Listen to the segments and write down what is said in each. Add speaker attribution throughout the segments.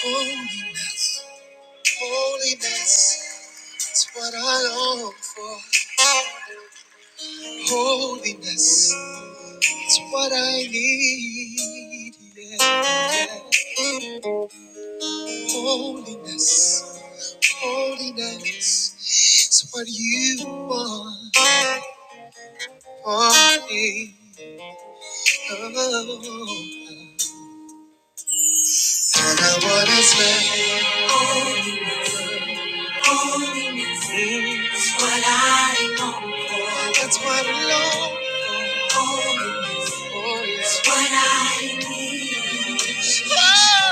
Speaker 1: Holiness, holiness, it's what I long for. Holiness, it's what I need. Yeah. yeah. Holiness, holiness, it's what you want for me. Oh. And I want to say, holiness, holiness, it's what I long for. That's what I long For it's what I need. Oh.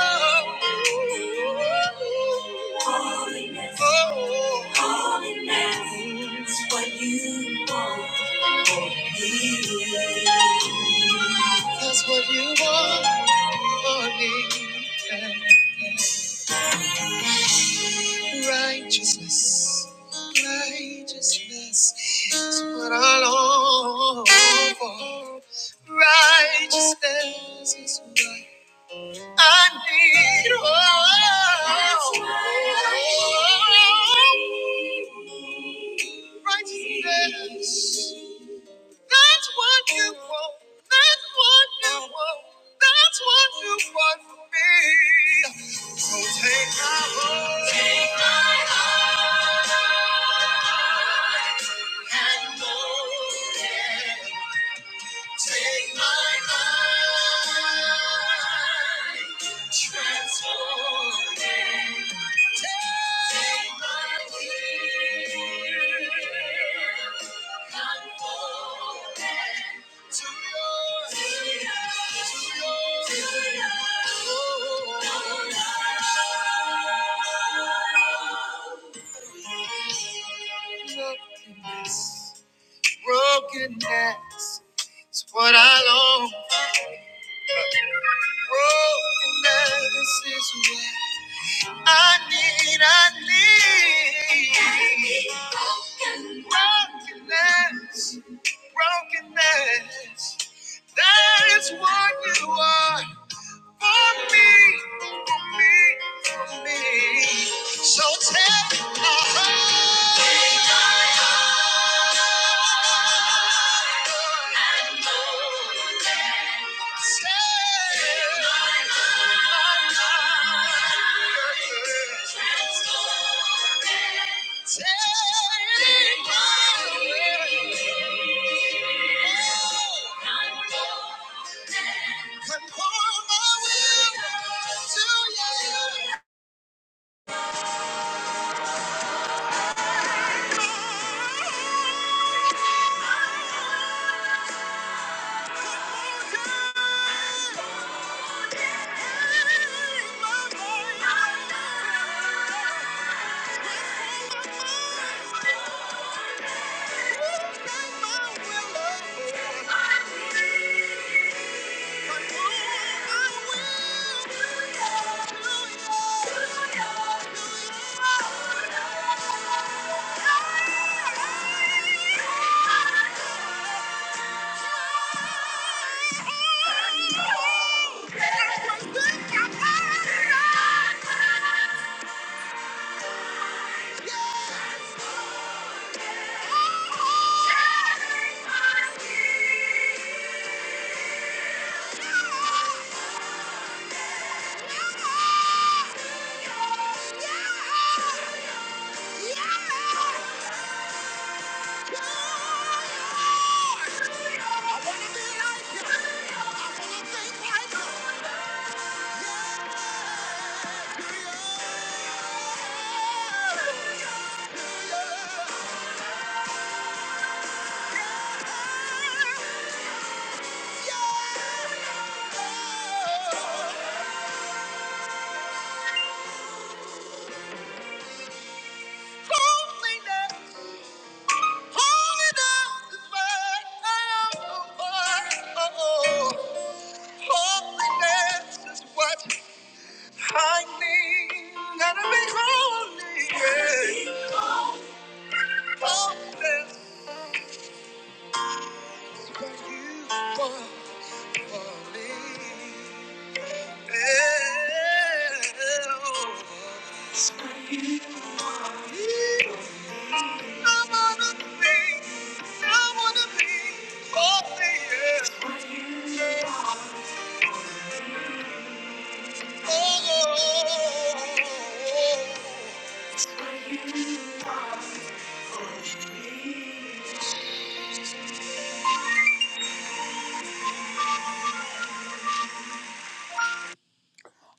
Speaker 1: Holiness. Oh. Holiness. It's what you want me. That's what you want for me. Righteousness. Righteousness is what I long for. Righteousness is what. I need hope. Righteousness. That's what you want. That's what you want. That's what you want from me. So take my heart. Take my heart. And go. it. Take my mind. Transform it. Brokenness, brokenness is what I long. Brokenness is what I need, I need brokenness, brokenness. That is what you are for me, for me, for me. So tell me, oh, Thank you. Yeah! Yeah! Holiness is what I need. Gotta be holy, yeah. Holiness is what you want for me. Yeah. I wanna be, I wanna be holy, yeah. Oh, oh, oh, oh, oh.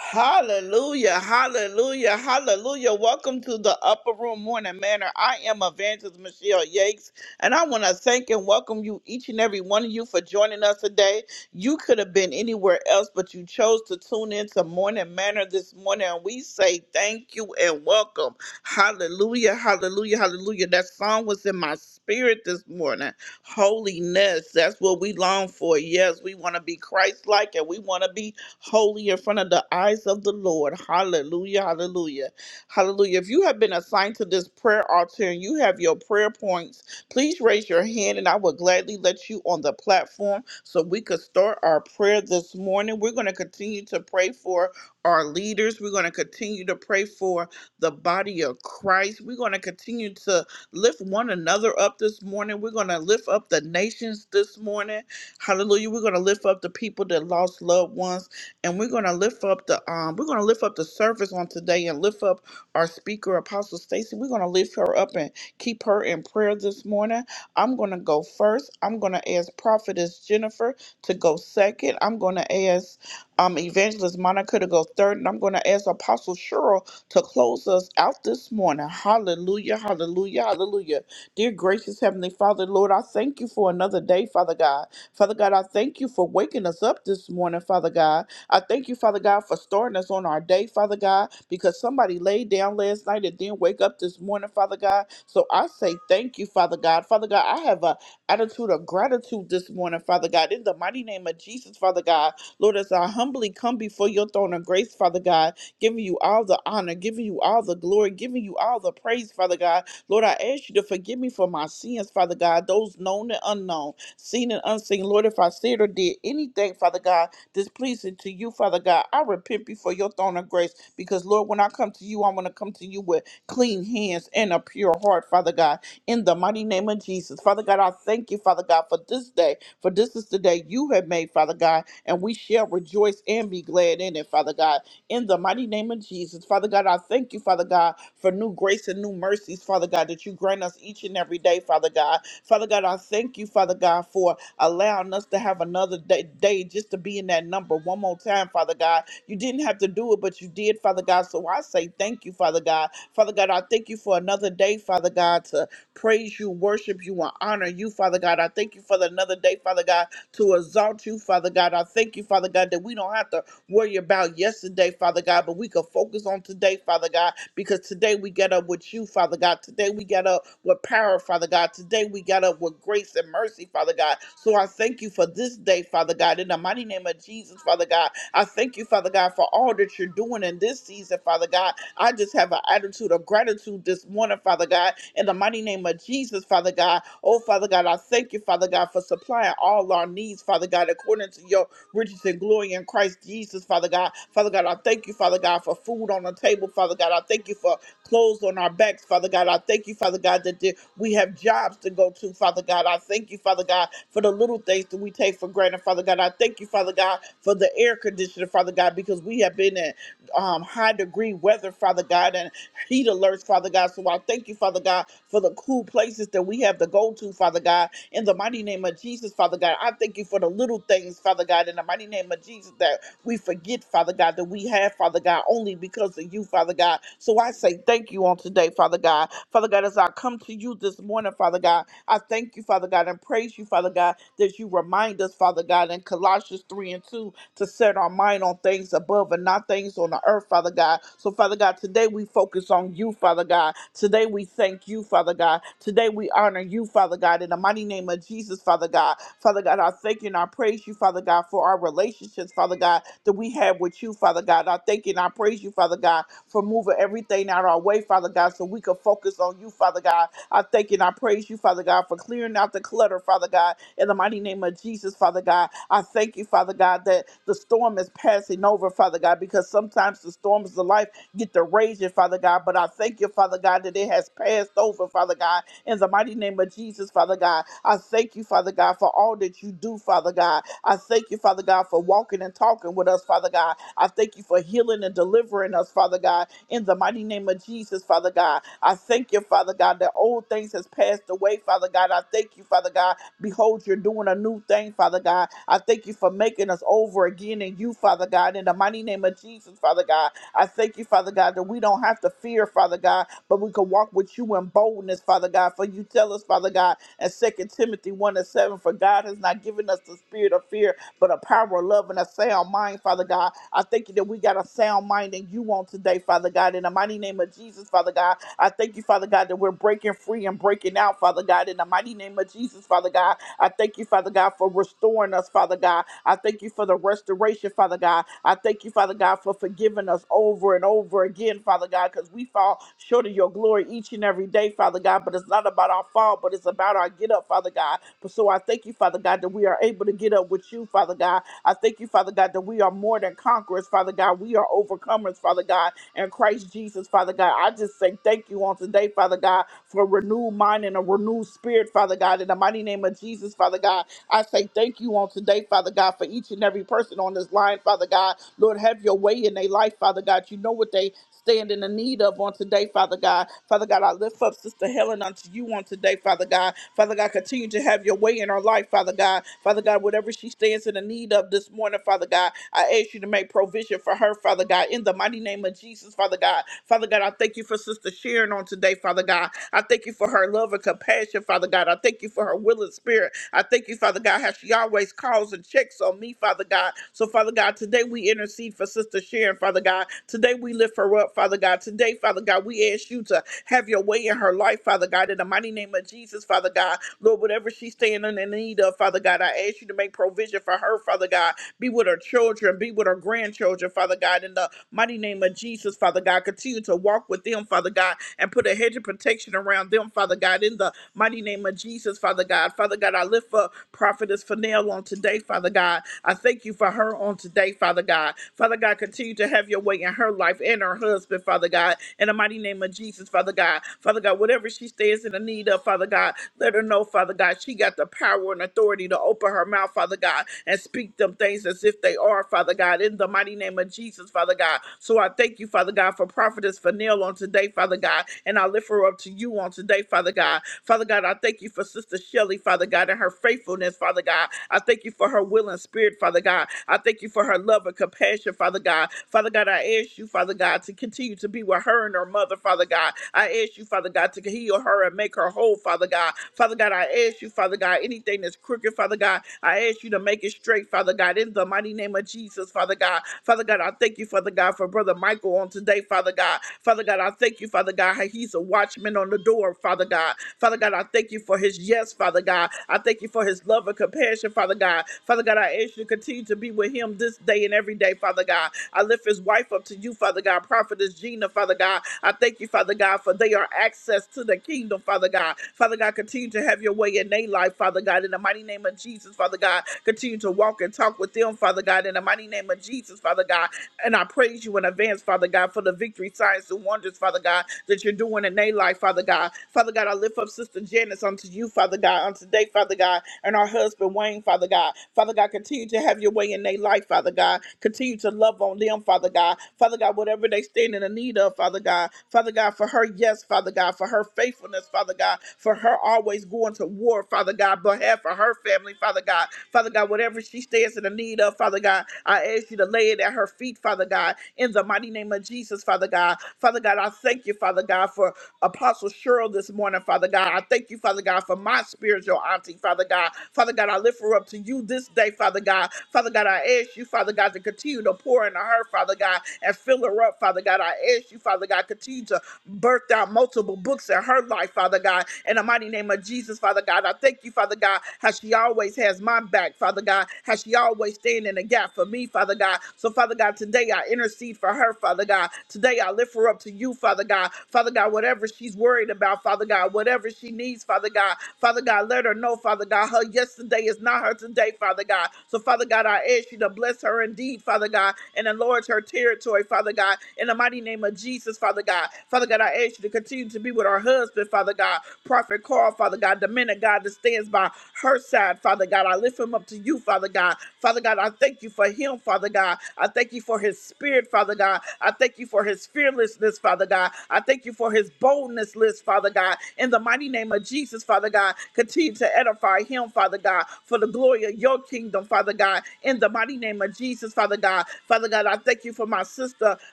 Speaker 1: Hallelujah, hallelujah, hallelujah. Welcome to the Upper Room Morning Manor. I am Evangelist Michelle Yates, and I want to thank and welcome you, each and every one of you, for joining us today. You could have been anywhere else, but you chose to tune in to Morning Manor this morning, and we say thank you and welcome. Hallelujah, hallelujah, hallelujah. That song was in my spirit this morning. Holiness, that's what we long for. Yes, we want to be Christ like, and we want to be holy in front of the eyes of the Lord. Hallelujah, hallelujah, hallelujah. If you have been assigned to this prayer altar and you have your prayer points, please raise your hand and I will gladly let you on the platform so we could start our prayer this morning. We're going to continue to pray for our leaders, we're going to continue to pray for the body of Christ, we're going to continue to lift one another up this morning. We're going to lift up the nations this morning. Hallelujah. We're going to lift up the people that lost loved ones and we're going to lift up the um we're going to lift up the service on today and lift up our speaker apostle stacy we're going to lift her up and keep her in prayer this morning i'm going to go first i'm going to ask prophetess jennifer to go second i'm going to ask um evangelist monica to go third and i'm going to ask apostle cheryl to close us out this morning hallelujah hallelujah hallelujah dear gracious heavenly father lord i thank you for another day father god father god i thank you for waking us up this morning father god I thank you, Father God, for starting us on our day, Father God, because somebody laid down last night and didn't wake up this morning, Father God. So I say thank you, Father God. Father God, I have a attitude of gratitude this morning, Father God. In the mighty name of Jesus, Father God, Lord, as I humbly come before your throne of grace, Father God, giving you all the honor, giving you all the glory, giving you all the praise, Father God. Lord, I ask you to forgive me for my sins, Father God, those known and unknown, seen and unseen. Lord, if I said or did anything, Father God, displeasing to you, Father God. I repent before your throne of grace because, Lord, when I come to you, I want to come to you with clean hands and a pure heart, Father God, in the mighty name of Jesus. Father God, I thank you, Father God, for this day, for this is the day you have made, Father God, and we shall rejoice and be glad in it, Father God, in the mighty name of Jesus. Father God, I thank you, Father God, for new grace and new mercies, Father God, that you grant us each and every day, Father God. Father God, I thank you, Father God, for allowing us to have another day, day just to be in that number one more time, Father God. You didn't have to do it, but you did, Father God. So I say thank you, Father God. Father God, I thank you for another day, Father God, to praise you, worship you, and honor you, Father God. I thank you for another day, Father God, to exalt you, Father God. I thank you, Father God, that we don't have to worry about yesterday, Father God, but we could focus on today, Father God, because today we get up with you, Father God. Today we get up with power, Father God. Today we get up with grace and mercy, Father God. So I thank you for this day, Father God. In the mighty name of Jesus, Father God, I thank you, Father God, for all that you're doing in this season, Father God. I just have an attitude of gratitude this morning, Father God. In the mighty name of Jesus, Father God. Oh, Father God, I thank you, Father God, for supplying all our needs, Father God, according to your riches and glory in Christ Jesus, Father God. Father God, I thank you, Father God, for food on the table, Father God. I thank you for clothes on our backs, Father God. I thank you, Father God, that there- we have jobs to go to, Father God. I thank you, Father God, for the little things that we take for granted, Father God. I thank you, Father God, for the air conditioner, Father God, because we have been in um, high degree weather, Father God, and heat alerts, Father God. So I thank you, Father God, for the cool places that we have to go to, Father God in the mighty name of Jesus, Father God. I thank you for the little things, Father God, in the mighty name of Jesus that we forget, Father God, that we have, Father God, only because of you, Father God. So I say thank you on today, Father God. Father God, as I come to you this morning, Father God, I thank you, Father God, and praise you, Father God, that you remind us, Father God, in Colossians 3 and 2 to set our mind on things above and not things on the earth, Father God. So, Father God, today we focus on you, Father God. Today we thank you, Father God. Today we honor you, Father God. In the mighty name of Jesus, Father God. Father God, I thank you and I praise you, Father God, for our relationships, Father God, that we have with you, Father God. I thank you and I praise you, Father God, for moving everything out our way, Father God, so we can focus on you, Father God I thank you and I praise you, Father God, for clearing out the clutter, Father God, in the mighty name of Jesus, Father God. I thank you, Father God, that the storm is passing over, Father God, because sometimes the storms of life get to raging, Father God. But I thank you, Father God, that it has passed over, Father God, in the mighty name of Jesus, Father God. I thank you, Father God, for all that you do, Father God. I thank you, Father God, for walking and talking with us, Father God. I thank you for healing and delivering us, Father God in the mighty name of Jesus, Father God. I thank you, Father God, that old things has passed away, Father God. I thank you, Father God. Behold, you're doing a new thing, Father God. I thank you for making us over again in you, Father God, in the mighty name of Jesus, Father God. I thank you, Father God, that we don't have to fear, Father God, but we can walk with you in boldness, Father God. For you tell us, Father God, in Second Timothy 1 and 7, for God has not given us the spirit of fear, but a power of love and a sound mind, Father God. I thank you that we got a sound mind in you on today, Father God. In the mighty name of Jesus, Father God, I thank you, Father God, that we're breaking free and breaking out, Father God. In the mighty name of Jesus, Father God, I thank you, Father God, for restoring us, Father God. I thank you for the restoration, Father God. I thank you, Father God, for forgiving us over and over again, Father God, because we fall short of your glory each and every day, Father God. But it's not about our fall, but it's about our get up, Father God. But so I thank you, Father God, that we are able to get up with you, Father God. I thank you, Father God, that we are more than conquerors, Father God. We are overcomers, Father God, and Christ Jesus, Father God. I just say thank you on today, Father God, for a renewed mind and a renewed spirit, Father God, in the mighty name of Jesus, Father God. I say thank you on today, Father God, for each and every person on this line, Father God. Lord, have your way in their life, Father God. You know what they stand in the need of on today, Father God. Father God, I lift up Sister Helen unto you on today, Father God. Father God, continue to have your way in her life, Father God. Father God, whatever she stands in the need of this morning, Father God, I ask you to make provision for her, Father God, in the mighty name of Jesus, Father God. Father God, I thank you for Sister Sharon on today, Father God. I thank you for her love and compassion, Father God. I thank thank you for her will and spirit. I thank you, Father God, how she always calls and checks on me, Father God. So, Father God, today we intercede for Sister Sharon, Father God. Today we lift her up, Father God. Today, Father God, we ask you to have your way in her life, Father God. In the mighty name of Jesus, Father God, Lord, whatever she's standing in need of, Father God, I ask you to make provision for her, Father God. Be with her children, be with her grandchildren, Father God. In the mighty name of Jesus, Father God, continue to walk with them, Father God, and put a hedge of protection around them, them, Father God, in the mighty name of Jesus, Father God. Father God, I lift for Prophetess Fennell on today, Father God. I thank you for her on today, Father God. Father God, continue to have your way in her life and her husband, Father God, in the mighty name of Jesus, Father God. Father God, whatever she stands in the need of, Father God, let her know, Father God, she got the power and authority to open her mouth, Father God, and speak them things as if they are, Father God, in the mighty name of Jesus, Father God. So I thank you, Father God, for Prophetess Fennell on today, Father. Father God, and I lift her up to you on today, Father God. Father God, I thank you for Sister Shelley, Father God, and her faithfulness, Father God. I thank you for her will and spirit, Father God. I thank you for her love and compassion, Father God. Father God, I ask you, Father God, to continue to be with her and her mother, Father God. I ask you, Father God, to heal her and make her whole, Father God. Father God, I ask you, Father God, anything that's crooked, Father God, I ask you to make it straight, Father God, in the mighty name of Jesus, Father God. Father God, I thank you, Father God, for Brother Michael on today today, Father God. Father God, I thank you, Father God, how he's a watchman on the door, Father God. Father God, I thank you for his yes, Father God. I thank you for his love and compassion, Father God. Father God, I ask you to continue to be with him this day and every day, Father God. I lift his wife up to you, Father God. Prophetess Gina, Father God. I thank you, Father God, for they are access to the kingdom, Father God. Father God, continue to have your way in their life, Father God. In the mighty name of Jesus, Father God, continue to walk and talk with them, Father God. In the mighty name of Jesus, Father God. And I praise you in advance, Father God, for the victory, signs, and wonders, Father God, that you're doing in their life, Father God. Father God, I lift up Sister Janice unto you, Father God, on today, Father God, and our husband Wayne, Father God. Father God, continue to have your way in their life, Father God. Continue to love on them, Father God. Father God, whatever they stand in the need of, Father God. Father God, for her yes, Father God, for her faithfulness, Father God, for her always going to war, Father God, behalf have for her family, Father God. Father God, whatever she stands in the need of, Father God, I ask you to lay it at her feet, Father God, in the mighty name of Jesus, Father God. Father God, I thank you, Father God, for Apostle Cheryl this morning, Father God. I thank you, Father God, for my spiritual auntie, Father God. Father God, I lift her up to you this day, Father God. Father God, I ask you, Father God, to continue to pour into her, Father God, and fill her up, Father God. I ask you, Father God, continue to birthed out multiple books in her life, Father God. In the mighty name of Jesus, Father God, I thank you, Father God, how she always has my back, Father God, how she always stand in the gap for me, Father God. So, Father God, today I intercede for her, Father God. Today I lift her up to you, Father God. Father God, whatever she's worried about, Father God, whatever she needs, Father God, Father God, let her know, Father God, her yesterday is not her today, Father God. So, Father God, I ask you to bless her indeed, Father God, and enlarge her territory, Father God, in the mighty name of Jesus, Father marriages, Father God. Father God, I ask you to continue to be with our husband, Father God. Prophet Carl, Father God, the man of God that stands by her side, Father God. I lift him up to you, Father God. Father God, I thank you for him, Father God. I thank you for his spirit, Father God. I thank you for his fearlessness, Father God. I thank you for his boldness, list, Father God. In the mighty name of Jesus, Father God, continue to edify him, Father God, for the glory of your kingdom, Father God. In the mighty name of Jesus, Father God. Father God, I thank you for my sister,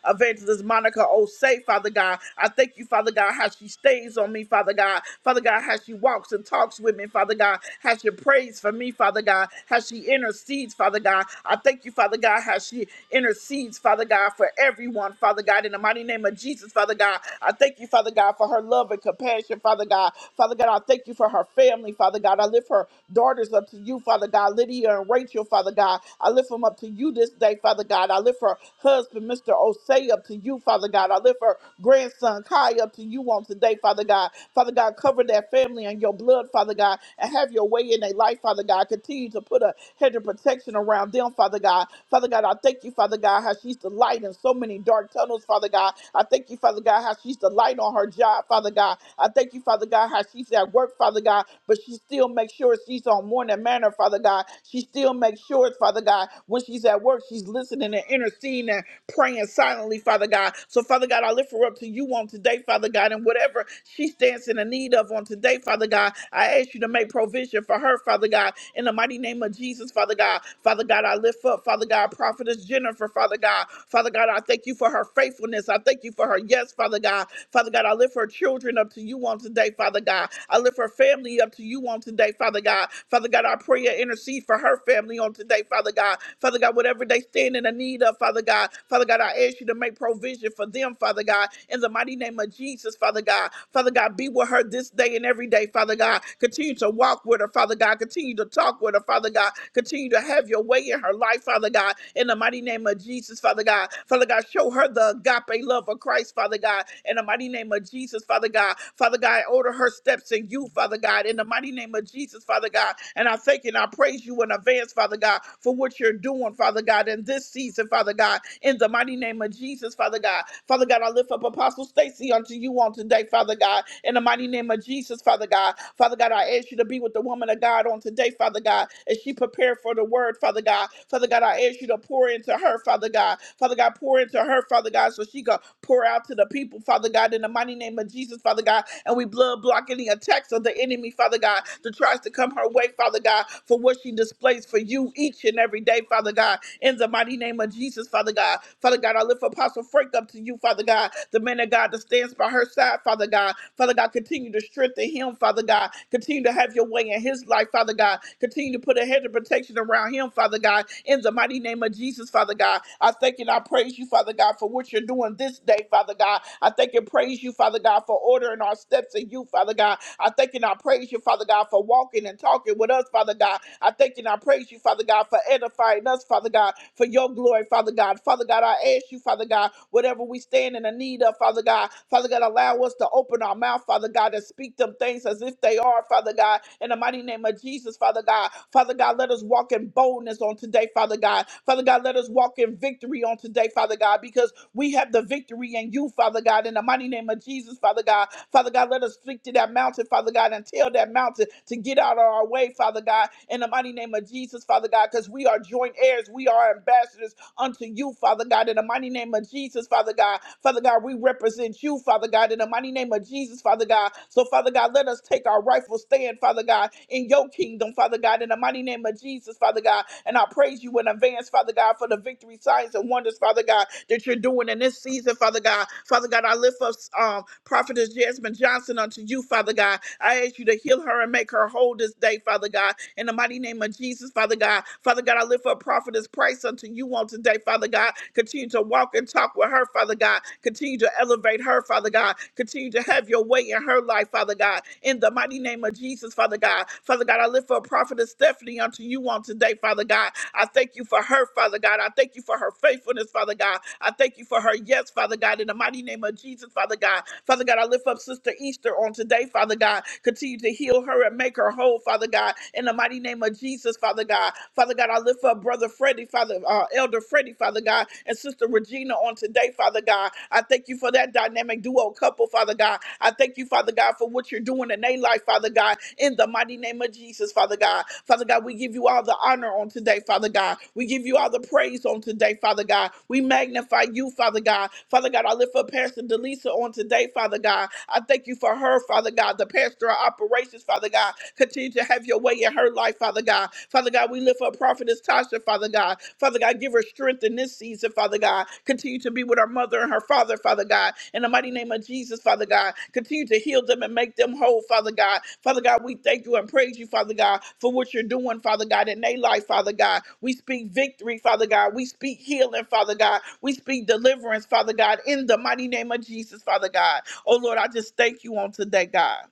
Speaker 1: Evangelist. Monica Osei, Father God. I thank you, Father God, how she stays on me, Father God. Father God, how she walks and talks with me, Father God. How she prays for me, Father God. How she intercedes, Father God. I thank you, Father God, how she intercedes, Father God, for everyone, Father God. In the mighty name of Jesus, Father God, I thank you, Father God, for her love and compassion, Father God. Father God, I thank you for her family, Father God. I lift her daughters up to you, Father God, Lydia and Rachel, Father God. I lift them up to you this day, Father God. I lift her husband, Mr. Jose up to you, Father God. I lift her grandson Kai up to you on today, Father God. Father God, cover that family in your blood, Father God, and have your way in their life, Father God. Continue to put a hedge of protection around them, Father God. Father God, I thank you, Father God, how she's the light in so many dark tunnels, Father God. I thank you, Father God, how she's the light on her job, Father God. I thank you, Father God, how she's at work, Father God, but she still makes sure she's on morning manner, Father God. She still makes sure, Father God, when she's at work, she's listening and interceding praying silently, Father God. So, Father God, I lift her up to you on today, Father God, and whatever she stands in the need of on today, Father God, I ask you to make provision for her, Father God, in the mighty name of Jesus, Father God. Father God, I lift up, Father God, Prophetess Jennifer, Father God. Father God, I thank you for her faithfulness. I thank you for her yes, Father God. Father God, I lift her children up to you on today, Father God. I lift her family up to you on today, Father God. Father God, I pray and intercede for her family on today, Father God. Father God, whatever they stand in the need of, Father God, God. Father God, I ask you to make provision for them, Father God, in the mighty name of Jesus, Father God. Father God, be with her this day and every day, Father God. Continue to walk with her, Father God. Continue to talk with her, Father God. Continue to have your way in her life, Father God, in the mighty name of Jesus, Father God. Father God, show her the agape love of Christ, Father God, in the mighty name of Jesus, Father God. Father God, order her steps in you, Father God, in the mighty name of Jesus, Father God. And I thank you and I praise you in advance, Father God, for what you're doing, Father God, in this season, Father God. God, in the mighty name of Jesus, Father God. Father God, I lift up Apostle Stacy unto you on today, Father God, in the mighty name of Jesus, Father God. Father God, I ask you to be with the woman of God on today, Father God, as she prepared for the word, Father God. Father God, I ask you to pour into her, Father God. Father God, pour into her, Father God, so she can pour out to the people, Father God, in the mighty name of Jesus, Father God. And we blood block any attacks of the enemy, Father God, that tries to come her way, Father God, for what she displays for you each and every day, Father God, in the mighty name of Jesus situations, Father God. Father God, I lift Apostle Frank up to you, Father God, the man of God that stands by her side, Father God. Father God, continue to strengthen him, Father God. Continue to have your way in his life, Father God. Continue to put a hedge of protection around him, Father God. In the mighty name of Jesus, Father God, I thank and I praise you, Father God, for what you're doing this day, Father God. I thank and praise you, Father God, for ordering our steps in you, Father God. I thank and I praise you, Father God, for walking and talking with us, Father God. I thank and I praise you, Father God, for edifying us, Father God, for your glory, pray, Father God. Father God, I ask you, Father God, whatever we stand in the need of, Father God, Father God, allow us to open our mouth, Father God, and speak them things as if they are, Father God, in the mighty name of Jesus, Father God. Father God, let us walk in boldness on today, Father God. Father God, let us walk in victory on today, Father God, because we have the victory in you, Father God, in the mighty name of Jesus, Father God. Father God, let us speak to that mountain, Father God, and tell that mountain to get out of our way, Father God, in the mighty name of Jesus, Father God, because we are joint heirs, we are ambassadors unto you, Father God, in the mighty name of Jesus, Father God. Father God, we represent you, Father God, in the mighty name of Jesus, Father God. So, Father God, let us take our rightful stand, Father God, in your kingdom, Father God, in the mighty name of Jesus, Father God. And I praise you in advance, Father God, for the victory, signs, and wonders, Father God, that you're doing in this season, Father God. Father God, I lift up um, Prophetess Jasmine Johnson unto you, Father God. I ask you to heal her and make her whole this day, Father God. In the mighty name of Jesus, Father God. Father God, I lift up prophetess Price unto you on today, Father God. Continue to walk and talk with her, Father God. Continue to elevate her, Father God. Continue to have your way in her life, Father God. In the mighty name of Jesus, Father God. Father God, I lift up prophetess Stephanie unto you on today, Father God. I thank you for her, Father God. I thank you for her faithfulness, Father God. I thank you for her yes, Father God. In the mighty name of Jesus, Father God. Father God, I lift up Sister Easter on today, Father God. Continue to heal her and make her whole, Father God. God, in the mighty name of Jesus, Father God. Father God, I lift up Brother Freddie, Father, uh, Elder Freddie, Father God, and Sister Regina on today, Father God. I thank you for that dynamic duo couple, Father God. I thank you, Father God, for what you're doing in their life, Father God, in the mighty name of Jesus, Father God. Father God, we give you all the honor on today, Father God. We give you all the praise on today, Father God. We magnify you, Father God. Father God, I lift up Pastor Delisa on today, Father God. I thank you for her, Father God, the Pastor of Operations, Father God. Continue to have your way in her life, Father God. Father God, we lift up Prophetess Tasha, Father God. Father God, give her strength in this season, Father God. Continue to be with her mother and her father, Father God. In the mighty name of Jesus, Father God, continue to heal them and make them whole, Father God. Father God, we thank you and praise you, Father God, for what you're doing, Father God, in their life, Father God. We speak victory, Father God. We speak healing, Father God. We speak deliverance, Father God, in the mighty name of Jesus, Father God. Oh Lord, I just thank you on today, God.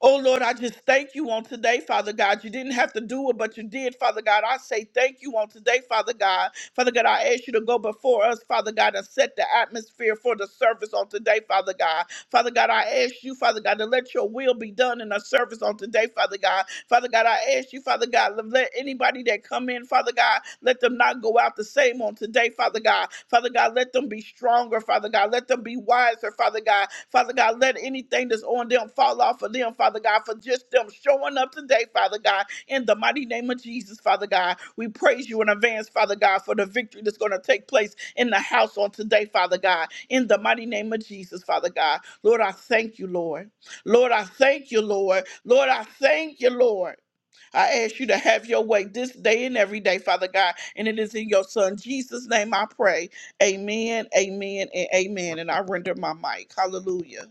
Speaker 1: Oh Lord, I just thank you on today, Father God. You didn't have to do it, but you did, Father God. I say thank you on today, Father God. Father God, I ask you to go before us, Father God, and set the atmosphere for the service on today, Father God. Father God, I ask you, Father God, to let your will be done in the service on today, Father God. Father God, I ask you, Father God, to let anybody that come in, Father God, let them not go out the same on today, Father God. Father God, let them be stronger, Father God. Let them be wiser, Father God. Father God, let anything that's on them fall off of them, Father God, for just them showing up today, Father God, in the mighty name of Jesus, Father God. We praise you in advance, Father God, for the victory that's going to take place in the house on today, Father God, in the mighty name of Jesus, Father God. Lord, I thank you, Lord. Lord, I thank you, Lord. Lord, I thank you, Lord. I ask you to have your way this day and every day, Father God. And it is in your Son, Jesus' name, I pray. Amen, amen, and amen. And I render my mic. Hallelujah.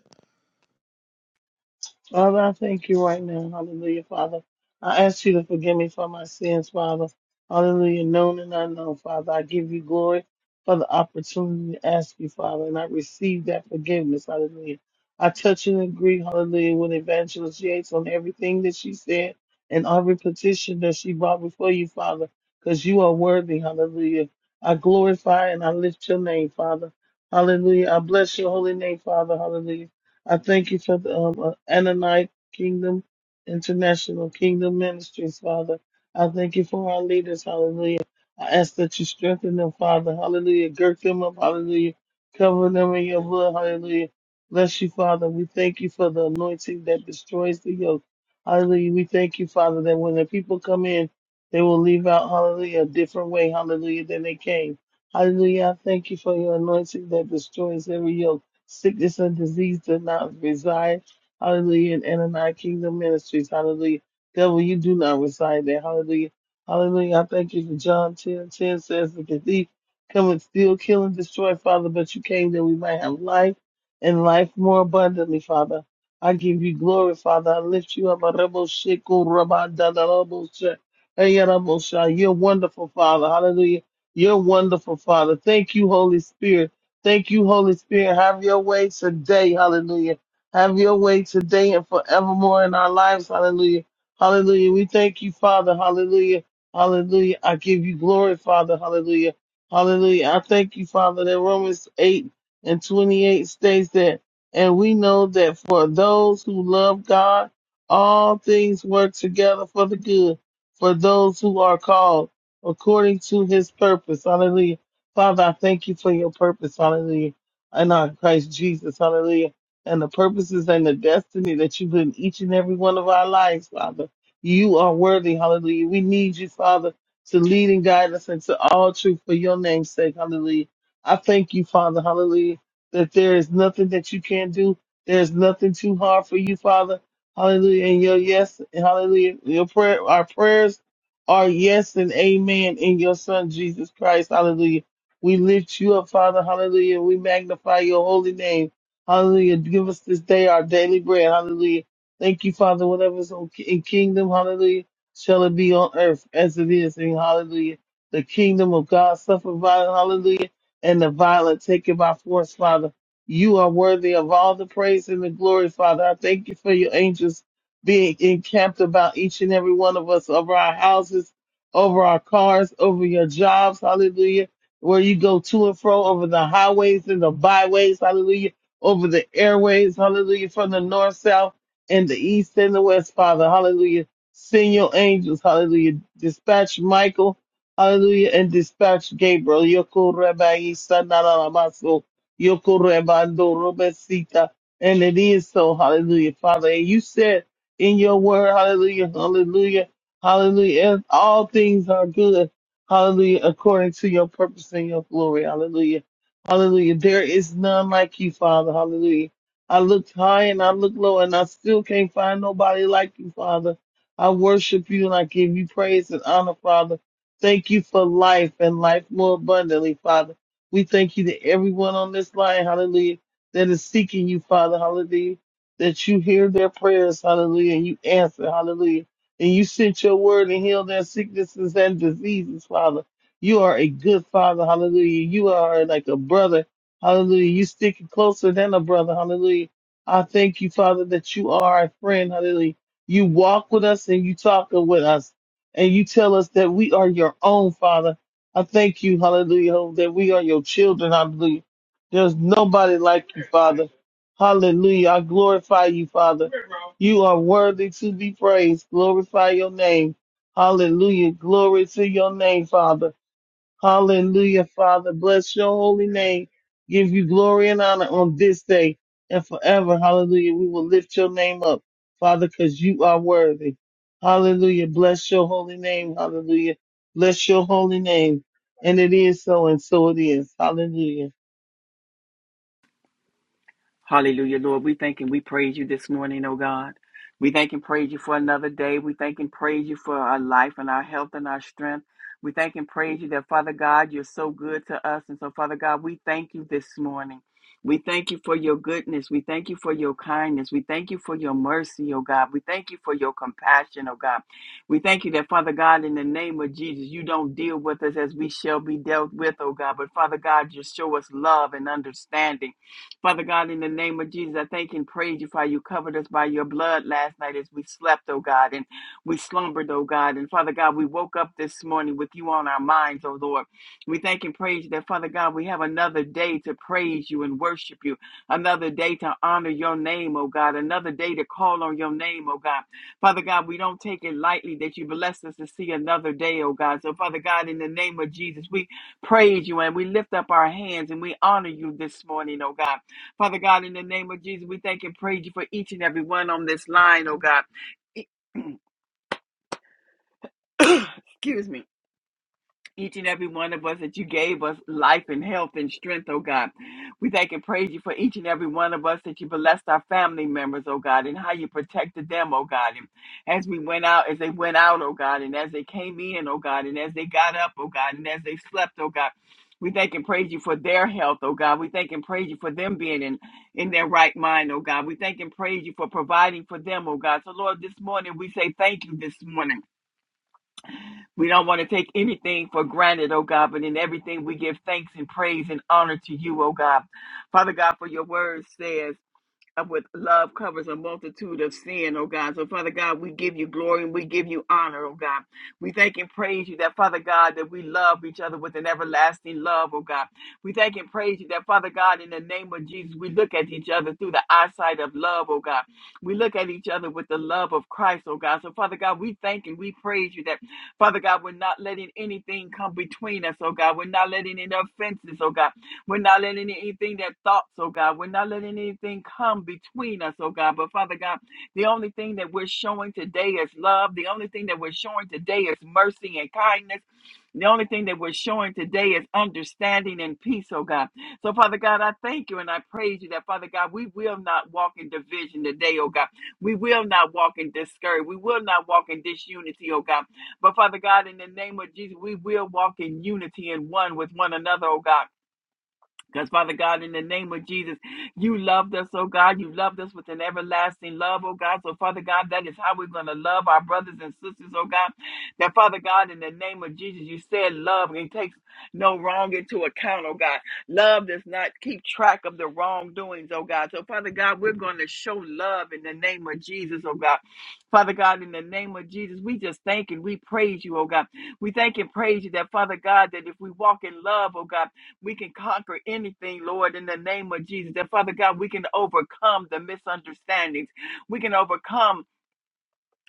Speaker 2: Father, I thank you right now. Hallelujah, Father. I ask you to forgive me for my sins, Father. Hallelujah, known and unknown, Father. I give you glory for the opportunity to ask you, Father, and I receive that forgiveness. Hallelujah. I touch and agree, hallelujah, with Evangelist Yates on everything that she said and every petition that she brought before you, Father, because you are worthy, hallelujah. I glorify and I lift your name, Father. Hallelujah. I bless your holy name, Father. Hallelujah. I thank you for the um, uh, Ananite Kingdom, International Kingdom Ministries, Father. I thank you for our leaders, hallelujah. I ask that you strengthen them, Father, hallelujah. Gird them up, hallelujah. Cover them in your blood, hallelujah. Bless you, Father. We thank you for the anointing that destroys the yoke. Hallelujah. We thank you, Father, that when the people come in, they will leave out, hallelujah, a different way, hallelujah, than they came. Hallelujah. I thank you for your anointing that destroys every yoke. Sickness and disease does not reside. Hallelujah. In Ananias Kingdom Ministries. Hallelujah. Devil, you do not reside there. Hallelujah. Hallelujah. I thank you for John 10. 10 says that the thief come and steal, kill, and destroy, Father, but you came that we might have life and life more abundantly, Father. I give you glory, Father. I lift you up. Arabo sheko raba da da Ayarabo sha. You're wonderful, Father. Hallelujah. You're wonderful, Father. Thank you, Holy Spirit. Thank you, Holy Spirit. Have your way today. Hallelujah. Have your way today and forevermore in our lives. Hallelujah. Hallelujah. We thank you, Father. Hallelujah. Hallelujah. I give you glory, Father. Hallelujah. Hallelujah. I thank you, Father, that Romans 8 and 28 states that, and we know that for those who love God, all things work together for the good, for those who are called according to his purpose. Hallelujah. Father, I thank you for your purpose, hallelujah, in our Christ Jesus, hallelujah, and the purposes and the destiny that you put in each and every one of our lives, Father. You are worthy, hallelujah. We need you, Father, to lead and guide us into all truth for your name's sake, hallelujah. I thank you, Father, hallelujah, that there is nothing that you can't do. There is nothing too hard for you, Father, hallelujah. And your yes, and hallelujah, your prayer, our prayers are yes and amen in your son, Jesus Christ, hallelujah. We lift you up, Father. Hallelujah. We magnify your holy name. Hallelujah. Give us this day our daily bread. Hallelujah. Thank you, Father. Whatever is on- in kingdom, hallelujah, shall it be on earth as it is in hallelujah. The kingdom of God suffer violence, hallelujah, and the violent take it by force, Father. You are worthy of all the praise and the glory, Father. I thank you for your angels being encamped about each and every one of us, over our houses, over our cars, over your jobs, hallelujah where you go to and fro over the highways and the byways, hallelujah, over the airways, hallelujah, from the north, south, and the east and the west, Father, hallelujah. Send your angels, hallelujah. Dispatch Michael, hallelujah, and dispatch Gabriel. Yoko Rabbi Sanaramaso, Yoko Rebando Robesita. And it is so, hallelujah, Father. And you said in your word, hallelujah, hallelujah, hallelujah, and all things are good Hallelujah. According to your purpose and your glory. Hallelujah. Hallelujah. There is none like you, Father. Hallelujah. I looked high and I looked low and I still can't find nobody like you, Father. I worship you and I give you praise and honor, Father. Thank you for life and life more abundantly, Father. We thank you to everyone on this line, hallelujah, that is seeking you, Father, hallelujah, that you hear their prayers, hallelujah, and you answer, hallelujah and you sent your word and healed their sicknesses and diseases, Father. You are a good Father, hallelujah. You are like a brother, hallelujah. You stick closer than a brother, hallelujah. I thank you, Father, that you are a friend, hallelujah. You walk with us and you talk with us, and you tell us that we are your own, Father. I thank you, hallelujah, that we are your children, hallelujah. There's nobody like you, Father. Hallelujah. I glorify you, Father. You are worthy to be praised. Glorify your name. Hallelujah. Glory to your name, Father. Hallelujah, Father. Bless your holy name. Give you glory and honor on this day and forever. Hallelujah. We will lift your name up, Father, because you are worthy. Hallelujah. Bless your holy name. Hallelujah. Bless your holy name. And it is so, and so it is. Hallelujah.
Speaker 3: Hallelujah, Lord. We thank and we praise you this morning, oh God. We thank and praise you for another day. We thank and praise you for our life and our health and our strength. We thank and praise you that, Father God, you're so good to us. And so, Father God, we thank you this morning. We thank you for your goodness. We thank you for your kindness. We thank you for your mercy, oh God. We thank you for your compassion, oh God. We thank you that, Father God, in the name of Jesus, you don't deal with us as we shall be dealt with, oh God. But, Father God, you show us love and understanding. Father God, in the name of Jesus, I thank and praise you for how you covered us by your blood last night as we slept, oh God, and we slumbered, oh God. And Father God, we woke up this morning with you on our minds, oh Lord. We thank and praise you that, Father God, we have another day to praise you and worship you, another day to honor your name, oh God, another day to call on your name, oh God. Father God, we don't take it lightly that you blessed us to see another day, oh God. So, Father God, in the name of Jesus, we praise you and we lift up our hands and we honor you this morning, oh God. Father God, in the name of Jesus, we thank and praise you for each and every one on this line, oh God. Excuse me each and every one of us that you gave us life and health and strength, oh God. We thank and praise you for each and every one of us that you blessed our family members, oh God, and how you protected them, oh God. And as we went out, as they went out, oh God, and as they came in, oh God, and as they got up, oh God, and as they slept, oh God. We thank and praise you for their health, oh God. We thank and praise you for them being in, in their right mind, oh God. We thank and praise you for providing for them, oh God. So, Lord, this morning we say thank you this morning. We don't want to take anything for granted, oh God, but in everything we give thanks and praise and honor to you, oh God. Father God, for your word says of with love covers a multitude of sin, oh God. So, Father God, we give you glory and we give you honor, oh God. We thank and praise you that, Father God, that we love each other with an everlasting love, oh God. We thank and praise you that, Father God, in the name of Jesus, we look at each other through the eyesight of love, oh God. We look at each other with the love of Christ, oh God. So, Father God, we thank and we praise you that, Father God, we're not letting anything come between us, oh God. We're not letting any offenses, oh God. We're not letting anything that thoughts, oh God, we're not letting anything come between us, oh God. But Father God, the only thing that we're showing today is love. The only thing that we're showing today is mercy and kindness. The only thing that we're showing today is understanding and peace, oh God. So, Father God, I thank you and I praise you that, Father God, we will not walk in division today, oh God. We will not walk in discouragement. We will not walk in disunity, oh God. But, Father God, in the name of Jesus, we will walk in unity and one with one another, oh God. Because, Father God, in the name of Jesus, you loved us, oh God. You loved us with an everlasting love, oh God. So, Father God, that is how we're going to love our brothers and sisters, oh God. That, Father God, in the name of Jesus, you said love and takes no wrong into account, oh God. Love does not keep track of the wrongdoings, oh God. So, Father God, we're going to show love in the name of Jesus, oh God. Father God, in the name of Jesus, we just thank and we praise you, oh God. We thank and praise you that, Father God, that if we walk in love, oh God, we can conquer anything, Lord, in the name of Jesus. And Father God, we can overcome the misunderstandings. We can overcome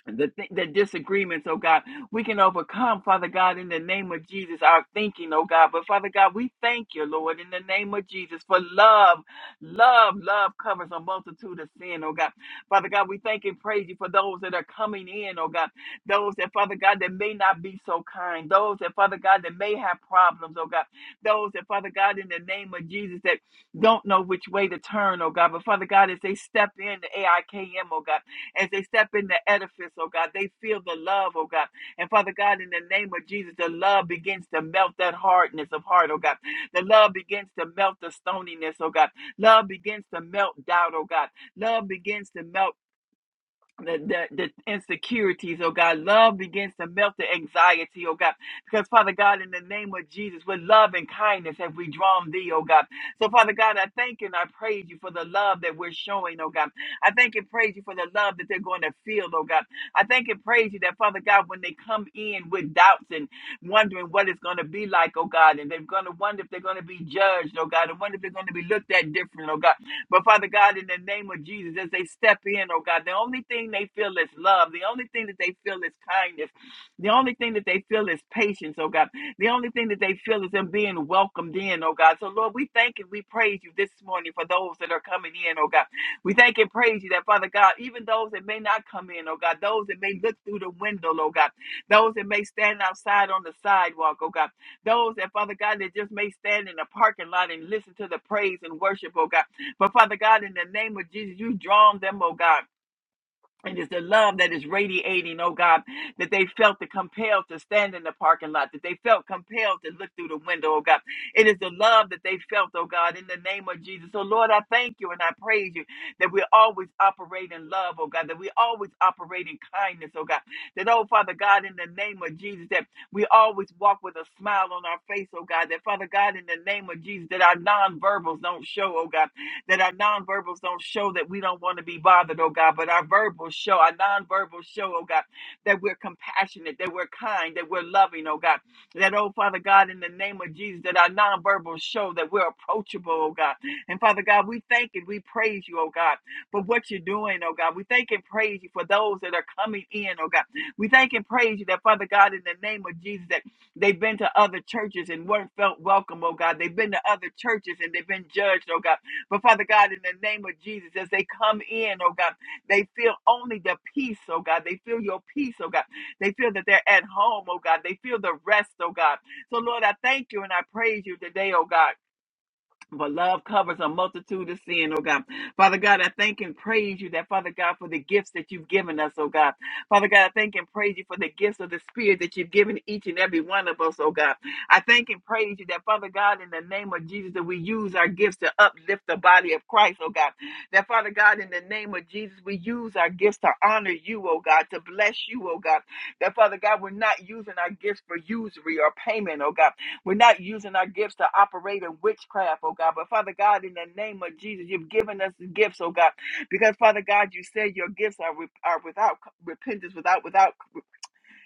Speaker 3: the, th- the disagreements, oh God, we can overcome, Father God, in the name of Jesus, our thinking, oh God. But Father God, we thank you, Lord, in the name of Jesus, for love. Love, love covers a multitude of sin, oh God. Father God, we thank and praise you for those that are coming in, oh God. Those that, Father God, that may not be so kind. Those that, Father God, that may have problems, oh God. Those that, Father God, in the name of Jesus, that don't know which way to turn, oh God. But Father God, as they step in the AIKM, oh God. As they step in the edifice, oh God, they feel the love, oh God. And Father God, in the name of Jesus, the love begins to melt that hardness of heart, oh God. The love begins to melt the stoniness, oh God. Love begins to melt doubt, oh God. Love begins to melt the, the, the insecurities, oh God. Love begins to melt the anxiety, oh God. Because, Father God, in the name of Jesus, with love and kindness have we drawn thee, oh God. So, Father God, I thank and I praise you for the love that we're showing, oh God. I thank and praise you for the love that they're going to feel, oh God. I thank and praise you that, Father God, when they come in with doubts and wondering what it's going to be like, oh God, and they're going to wonder if they're going to be judged, oh God, and wonder if they're going to be looked at different, oh God. But Father God, in the name of Jesus, as they step in, oh God, the only thing they feel is love. The only thing that they feel is kindness. The only thing that they feel is patience, oh God. The only thing that they feel is them being welcomed in, oh God. So, Lord, we thank and we praise you this morning for those that are coming in, oh God. We thank and praise you that, Father God, even those that may not come in, oh God, those that may look through the window, oh God, those that may stand outside on the sidewalk, oh God, those that, Father God, that just may stand in the parking lot and listen to the praise and worship, oh God. But Father God, in the name of Jesus, you draw them, oh God. And it's the love that is radiating, oh God, that they felt the compelled to stand in the parking lot, that they felt compelled to look through the window, oh God. It is the love that they felt, oh God, in the name of Jesus. So, Lord, I thank you and I praise you that we always operate in love, oh God, that we always operate in kindness, oh God. That, oh Father God, in the name of Jesus, that we always walk with a smile on our face, oh God. That, Father God, in the name of Jesus, that our nonverbals don't show, oh God that our nonverbals don't show that we don't want to be bothered, oh God, but our verbals show, our nonverbals show, oh God, that we're compassionate, that we're kind, that we're loving, oh God. That, oh Father God, in the name of Jesus, that our nonverbals show that we're approachable, oh God. And Father God, we thank and we praise you, oh God, for what you're doing, oh God. We thank and praise you for those that are coming in, oh God. We thank and praise you that, Father God, in the name of Jesus, that they've been to other churches and weren't felt welcome, oh God. They've been to other churches and they've been judged, oh God. But Father God, in the name of Jesus, as they come in, oh God, they feel only the peace, oh God. They feel your peace, oh God. They feel that they're at home, oh God. They feel the rest, oh God. So, Lord, I thank you and I praise you today, oh God. For love covers a multitude of sin, oh God. Father God, I thank and praise you that, Father God, for the gifts that you've given us, oh God. Father God, I thank and praise you for the gifts of the Spirit that you've given each and every one of us, oh God. I thank and praise you that, Father God, in the name of Jesus, that we use our gifts to uplift the body of Christ, oh God. That, Father God, in the name of Jesus, we use our gifts to honor you, oh God, to bless you, oh God. That, Father God, we're not using our gifts for usury or payment, oh God. We're not using our gifts to operate in witchcraft, oh God. But Father God, in the name of Jesus, you've given us the gifts, oh God. Because Father God, you said your gifts are, with- are without repentance, without without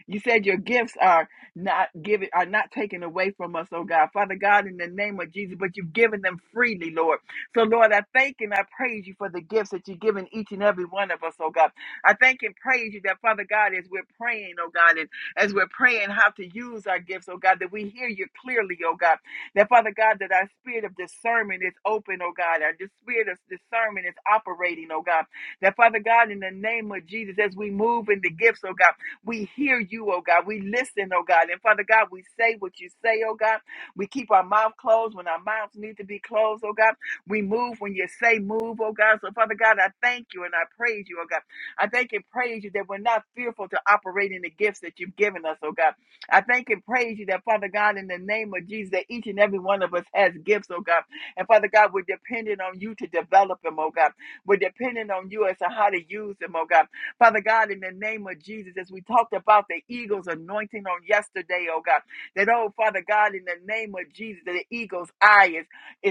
Speaker 3: you said your gifts are not given are not taken away from us, oh God. Father God, in the name of Jesus, but you've given them freely, Lord. So Lord, I thank and I praise you for the gifts that you've given each and every one of us, oh God. I thank and praise you that Father God, as we're praying, oh God, and as we're praying how to use our gifts, oh God, that we hear you clearly, oh God. That Father God, that our spirit of discernment is open, oh God. Our dis- spirit of discernment is operating, oh God. That Father God, in the name of Jesus, as we move in the gifts, oh God. We hear you, oh God. We listen, oh God. And Father God, we say what you say, oh God. We keep our mouth closed when our mouths need to be closed, oh God. We move when you say move, oh God. So, Father God, I thank you and I praise you, oh God. I thank and praise you that we're not fearful to operate in the gifts that you've given us, oh God. I thank and praise you that, Father God, in the name of Jesus, that each and every one of us has gifts, oh God. And Father God, we're dependent on you to develop them, oh God. We're dependent on you as to how to use them, oh God. Father God, in the name of Jesus, as we talked about the eagle's anointing on yesterday, oh God, that, oh Father God, in the name of Jesus, that the eagle's eye is,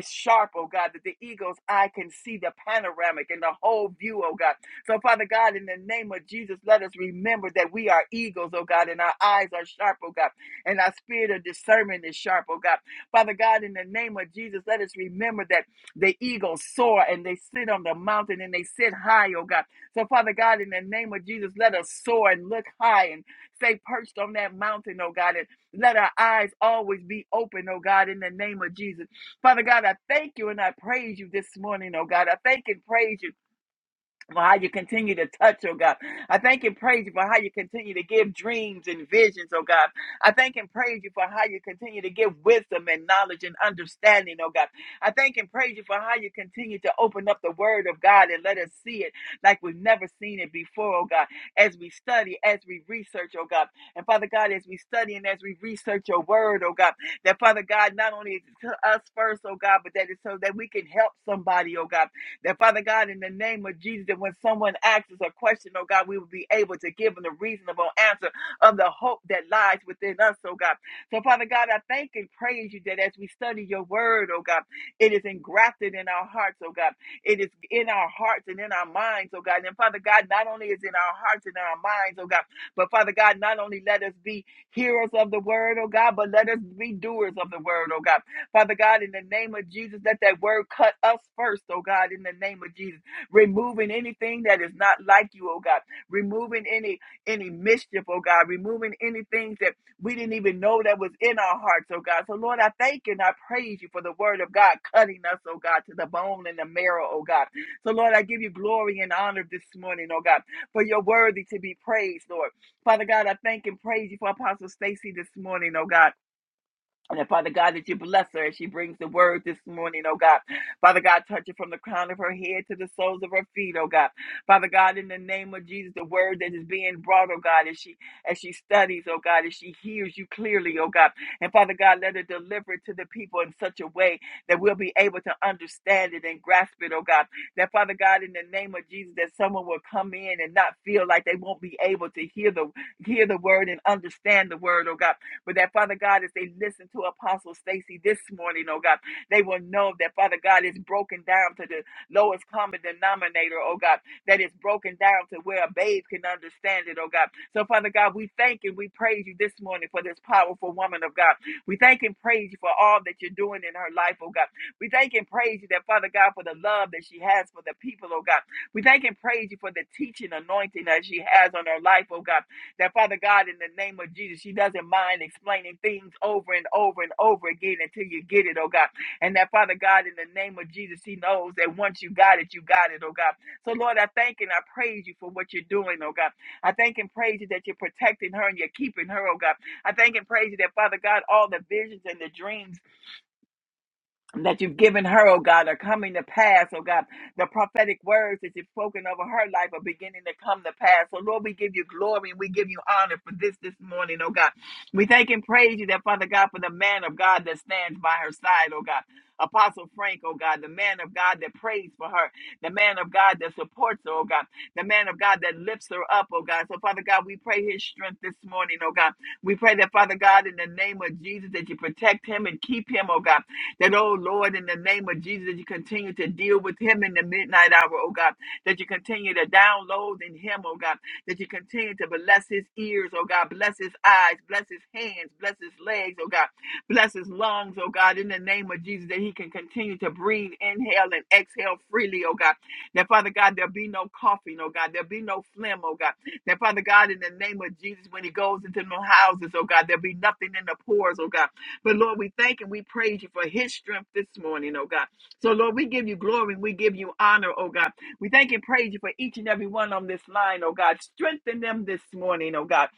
Speaker 3: is sharp, oh God, that the eagle's eye can see the panoramic and the whole view, oh God. So, Father God, in the name of Jesus, let us remember that we are eagles, oh God, and our eyes are sharp, oh God, and our spirit of discernment is sharp, oh God. Father God, in the name of Jesus, let us remember that the eagles soar and they sit on the mountain and they sit high, oh God. So, Father God, in the name of Jesus, let us soar and look high and stay perched on that mountain, oh God, and let our eyes always be open, oh God, in the name of Jesus. Father God, I thank you and I praise you this morning, oh God. I thank and praise you for how you continue to touch, oh God. I thank and praise you for how you continue to give dreams and visions, oh God. I thank and praise you for how you continue to give wisdom and knowledge and understanding, oh God. I thank and praise you for how you continue to open up the word of God and let us see it like we've never seen it before, oh God, as we study, as we research, oh God. And Father God, as we study and as we research your word, oh God, that Father God, not only is it to us first, oh God, but that it's so that we can help somebody, oh God. That Father God, in the name of Jesus, that when someone asks us a question, oh God, we will be able to give them the reasonable answer of the hope that lies within us, oh God. So, Father God, I thank and praise you that as we study your word, oh God, it is engrafted in our hearts, oh God. It is in our hearts and in our minds, oh God. And Father God, not only is it in our hearts and in our minds, oh God, but Father God, not only let us be hearers of the word, oh God, but let us be doers of the word, oh God. Father God, in the name of Jesus, let that word cut us first, oh God, in the name of Jesus. Removing anything that is not like you, oh God. Removing any any mischief, oh God. Removing anything that we didn't even know that was in our hearts, oh God. So Lord, I thank you and I praise you for the word of God cutting us, oh God, to the bone and the marrow, oh God. So Lord, I give you glory and honor this morning, oh God, for you're worthy to be praised, Lord. Father God, I thank and praise you for Apostle Stacy this morning, oh God. And then, Father God, that you bless her as she brings the word this morning, oh God. Father God, touch her from the crown of her head to the soles of her feet, oh God. Father God, in the name of Jesus, the word that is being brought, oh God, as she as she studies, oh God, as she hears you clearly, oh God. And Father God, let her deliver it to the people in such a way that we'll be able to understand it and grasp it, oh God. That Father God, in the name of Jesus, that someone will come in and not feel like they won't be able to hear the hear the word and understand the word, oh God. But that, Father God, as they listen to Apostle Stacy this morning, oh God, they will know that, Father God, is broken down to the lowest common denominator, oh God, that is broken down to where a babe can understand it, oh God. So, Father God, we thank and we praise you this morning for this powerful woman of God. We thank and praise you for all that you're doing in her life, oh God. We thank and praise you that, Father God, for the love that she has for the people, oh God. We thank and praise you for the teaching anointing that she has on her life, oh God. That Father God, in the name of Jesus, she doesn't mind explaining things over and over and over again until you get it, oh God. And that Father God, in the name of Jesus, He knows that once you got it, you got it, oh God. So Lord, I thank and I praise you for what you're doing, oh God. I thank and praise you that you're protecting her and you're keeping her, oh God. I thank and praise you that Father God, all the visions and the dreams that you've given her, oh God, are coming to pass, oh God. The prophetic words that you've spoken over her life are beginning to come to pass. So, Lord, we give you glory and we give you honor for this this morning, oh God. We thank and praise you that, Father God, for the man of God that stands by her side, oh God. Apostle Frank, oh God, the man of God that prays for her, the man of God that supports her, oh God, the man of God that lifts her up, oh God. So, Father God, we pray his strength this morning, oh God. We pray that, Father God, in the name of Jesus, that you protect him and keep him, oh God. That, oh Lord, in the name of Jesus, that you continue to deal with him in the midnight hour, oh God. That you continue to download in him, oh God. That you continue to bless his ears, oh God. Bless his eyes, bless his hands, bless his legs, oh God. Bless his lungs, oh God, in the name of Jesus, that he can continue to breathe, inhale, and exhale freely, oh God. That, Father God, there'll be no coughing, oh God. There'll be no phlegm, oh God. That, Father God, in the name of Jesus, when he goes into no houses, oh God, there'll be nothing in the pores, oh God. But Lord, we thank and we praise you for his strength this morning, oh God. So Lord, we give you glory and we give you honor, oh God. We thank and praise you for each and every one on this line, oh God. Strengthen them this morning, oh God.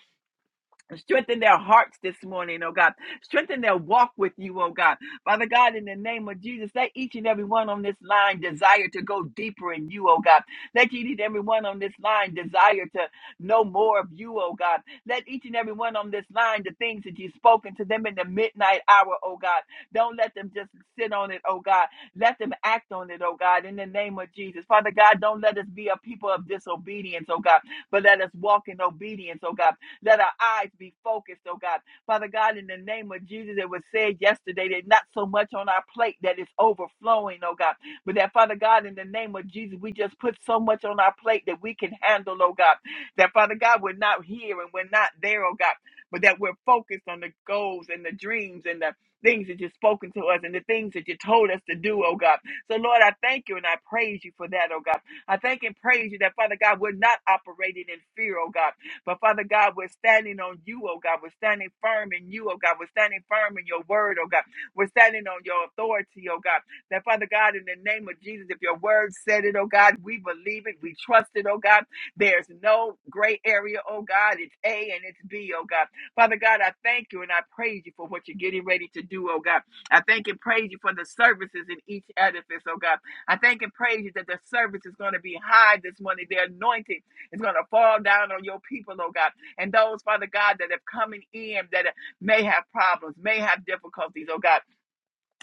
Speaker 3: Strengthen their hearts this morning, oh God. Strengthen their walk with you, oh God. Father God, in the name of Jesus, let each and every one on this line desire to go deeper in you, oh God. Let each and every one on this line desire to know more of you, oh God. Let each and every one on this line the things that you've spoken to them in the midnight hour, oh God. Don't let them just sit on it, oh God. Let them act on it, oh God, in the name of Jesus. Father God, don't let us be a people of disobedience, oh God, but let us walk in obedience, oh God. Let our eyes be focused, oh God. Father God, in the name of Jesus, it was said yesterday that not so much on our plate that is overflowing, oh God, but that Father God, in the name of Jesus, we just put so much on our plate that we can handle, oh God. That Father God, we're not here and we're not there, oh God, but that we're focused on the goals and the dreams and the things that you've spoken to us and the things that you told us to do, oh God. So, Lord, I thank you and I praise you for that, oh God. I thank and praise you that, Father God, we're not operating in fear, oh God. But Father God, we're standing on you, oh God. We're standing firm in you, oh God. We're standing firm in your word, oh God. We're standing on your authority, oh God. That Father God, in the name of Jesus, if your word said it, oh God, we believe it, we trust it, oh God. There's no gray area, oh God. It's A and it's B, oh God. Father God, I thank you and I praise you for what you're getting ready to do, oh God. I thank and praise you for the services in each edifice, oh God. I thank and praise you that the service is going to be high this morning. The anointing is going to fall down on your people, oh God. And those, Father God, that have coming in that may have problems, may have difficulties, oh God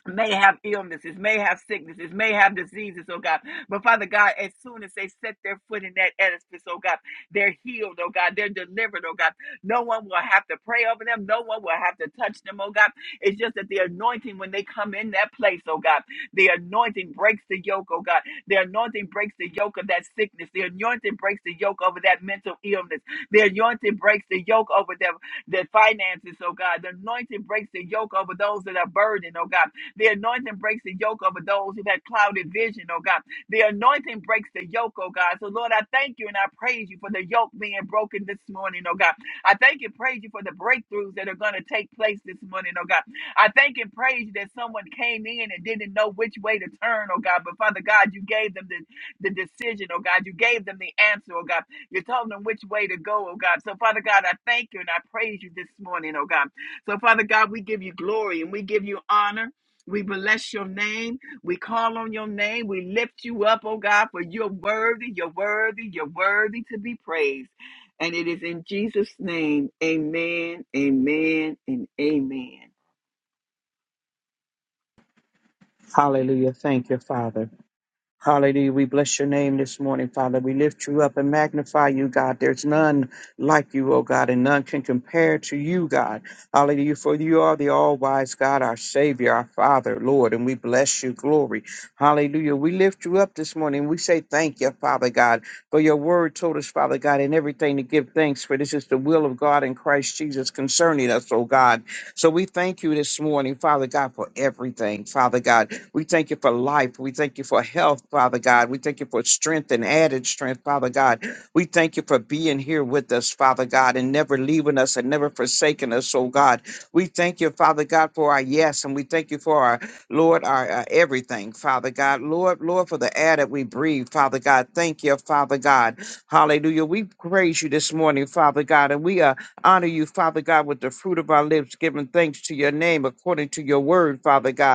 Speaker 3: may have illnesses, may have sicknesses, may have diseases, oh God. But Father God, as soon as they set their foot in that edifice, oh God, they're healed, oh God, they're delivered, oh God. No one will have to pray over them, no one will have to touch them, oh God. It's just that the anointing, when they come in that place, oh God, the anointing breaks the yoke, oh God. The anointing breaks the yoke of that sickness, the anointing breaks the yoke over that mental illness, the anointing breaks the yoke over their, their finances, oh God. The anointing breaks the yoke over those that are burdened, oh God. The anointing breaks the yoke over those who've had clouded vision, oh God. The anointing breaks the yoke, oh God. So, Lord, I thank you and I praise you for the yoke being broken this morning, oh God. I thank and praise you for the breakthroughs that are going to take place this morning, oh God. I thank and praise you that someone came in and didn't know which way to turn, oh God. But Father God, you gave them the, the decision, oh God. You gave them the answer, oh God. You told them which way to go, oh God. So, Father God, I thank you and I praise you this morning, oh God. So, Father God, we give you glory and we give you honor. We bless your name. We call on your name. We lift you up, oh God, for you're worthy, you're worthy, you're worthy to be praised. And it is in Jesus' name. Amen, amen, and amen.
Speaker 4: Hallelujah. Thank you, Father. Hallelujah. We bless your name this morning, Father. We lift you up and magnify you, God. There's none like you, oh God, and none can compare to you, God. Hallelujah. For you are the all wise God, our Savior, our Father, Lord, and we bless you. Glory. Hallelujah. We lift you up this morning. We say thank you, Father God, for your word told us, Father God, in everything to give thanks, for this is the will of God in Christ Jesus concerning us, oh God. So we thank you this morning, Father God, for everything, Father God. We thank you for life. We thank you for health, Father God. We thank you for strength and added strength, Father God. We thank you for being here with us, Father God, and never leaving us and never forsaking us, oh God. We thank you, Father God, for our yes, and we thank you for our, Lord, our, our everything, Father God. Lord, Lord, for the air that we breathe, Father God. Thank you, Father God. Hallelujah. We praise you this morning, Father God, and we uh, honor you, Father God, with the fruit of our lips, giving thanks to your name according to your word, Father God.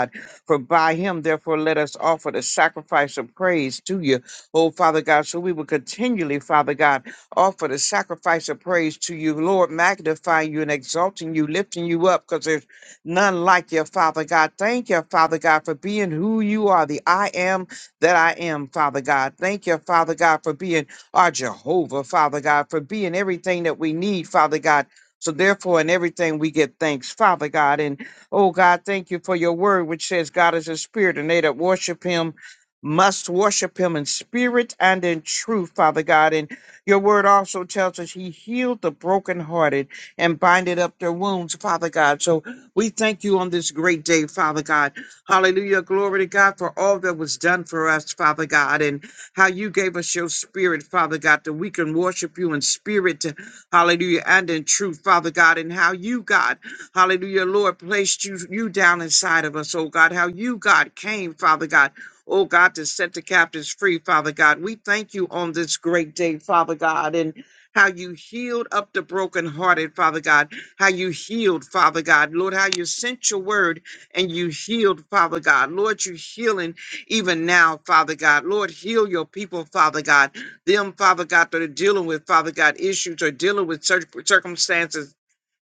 Speaker 4: For by him, therefore, let us offer the sacrifice of praise to you, oh Father God. So we will continually, Father God, offer the sacrifice of praise to you, Lord, magnifying you and exalting you, lifting you up, because there's none like you, Father God. Thank you, Father God, for being who you are, the I am that I am, Father God. Thank you, Father God, for being our Jehovah, Father God, for being everything that we need, Father God. So therefore, in everything we give thanks, Father God. and. Oh God, thank you for your word, which says God is a spirit, and they that worship him must worship him in spirit and in truth, Father God. And your word also tells us he healed the brokenhearted and binded up their wounds, Father God. So we thank you on this great day, Father God. Hallelujah. Glory to God for all that was done for us, Father God, and how you gave us your spirit, Father God, that we can worship you in spirit, hallelujah, and in truth, Father God, and how you, God, Hallelujah, Lord, placed you, you down inside of us, oh God, how you, God, came, Father God. Oh God, to set the captives free, Father God. We thank you on this great day, Father God, and how you healed up the brokenhearted, Father God. How you healed, Father God. Lord, how you sent your word and you healed, Father God. Lord, you healing even now, Father God. Lord, heal your people, Father God. Them, Father God, that are dealing with, Father God, issues or dealing with cir- circumstances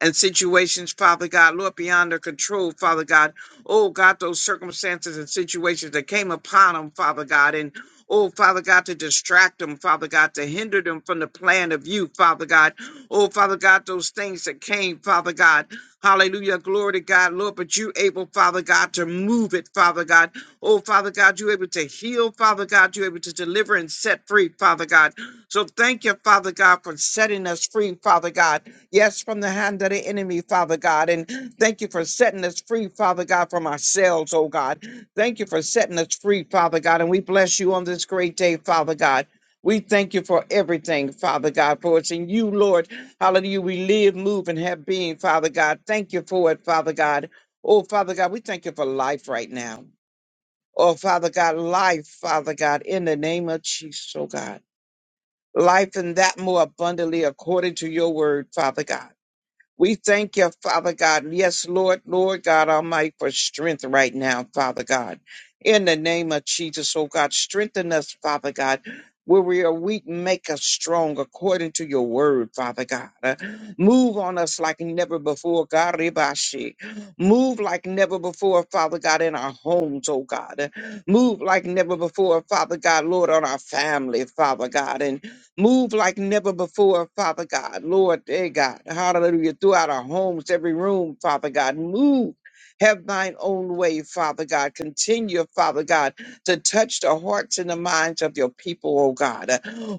Speaker 4: and situations, Father God, Lord, beyond their control, Father God. Oh, God, those circumstances and situations that came upon them, Father God, and Oh, Father God, to distract them, Father God, to hinder them from the plan of you, Father God. Oh, Father God, those things that came, Father God. Hallelujah. Glory to God, Lord. But you able, Father God, to move it, Father God. Oh, Father God, you able to heal, Father God. you able to deliver and set free, Father God. So thank you, Father God, for setting us free, Father God. Yes, from the hand of the enemy, Father God. And thank you for setting us free, Father God, from ourselves, oh God. Thank you for setting us free, Father God. And we bless you on this great day, Father God. We thank you for everything, Father God, for it's in you, Lord. Hallelujah. We live, move, and have being, Father God. Thank you for it, Father God. Oh, Father God, we thank you for life right now. Oh, Father God, life, Father God, in the name of Jesus, oh God. Life and that more abundantly according to your word, Father God. We thank you, Father God. Yes, Lord, Lord God Almighty, for strength right now, Father God. In the name of Jesus, oh God, strengthen us, Father God. Where we are weak, make us strong according to your word, Father God. Uh, Move on us like never before, God. Ribashi. Move like never before, Father God, in our homes, oh God. Uh, Move like never before, Father God, Lord, on our family, Father God. Move like never before, Father God. Lord, dear God. Hallelujah. Throughout our homes, every room, Father God. Move. Have thine own way, Father God. Continue, Father God, to touch the hearts and the minds of your people, oh God.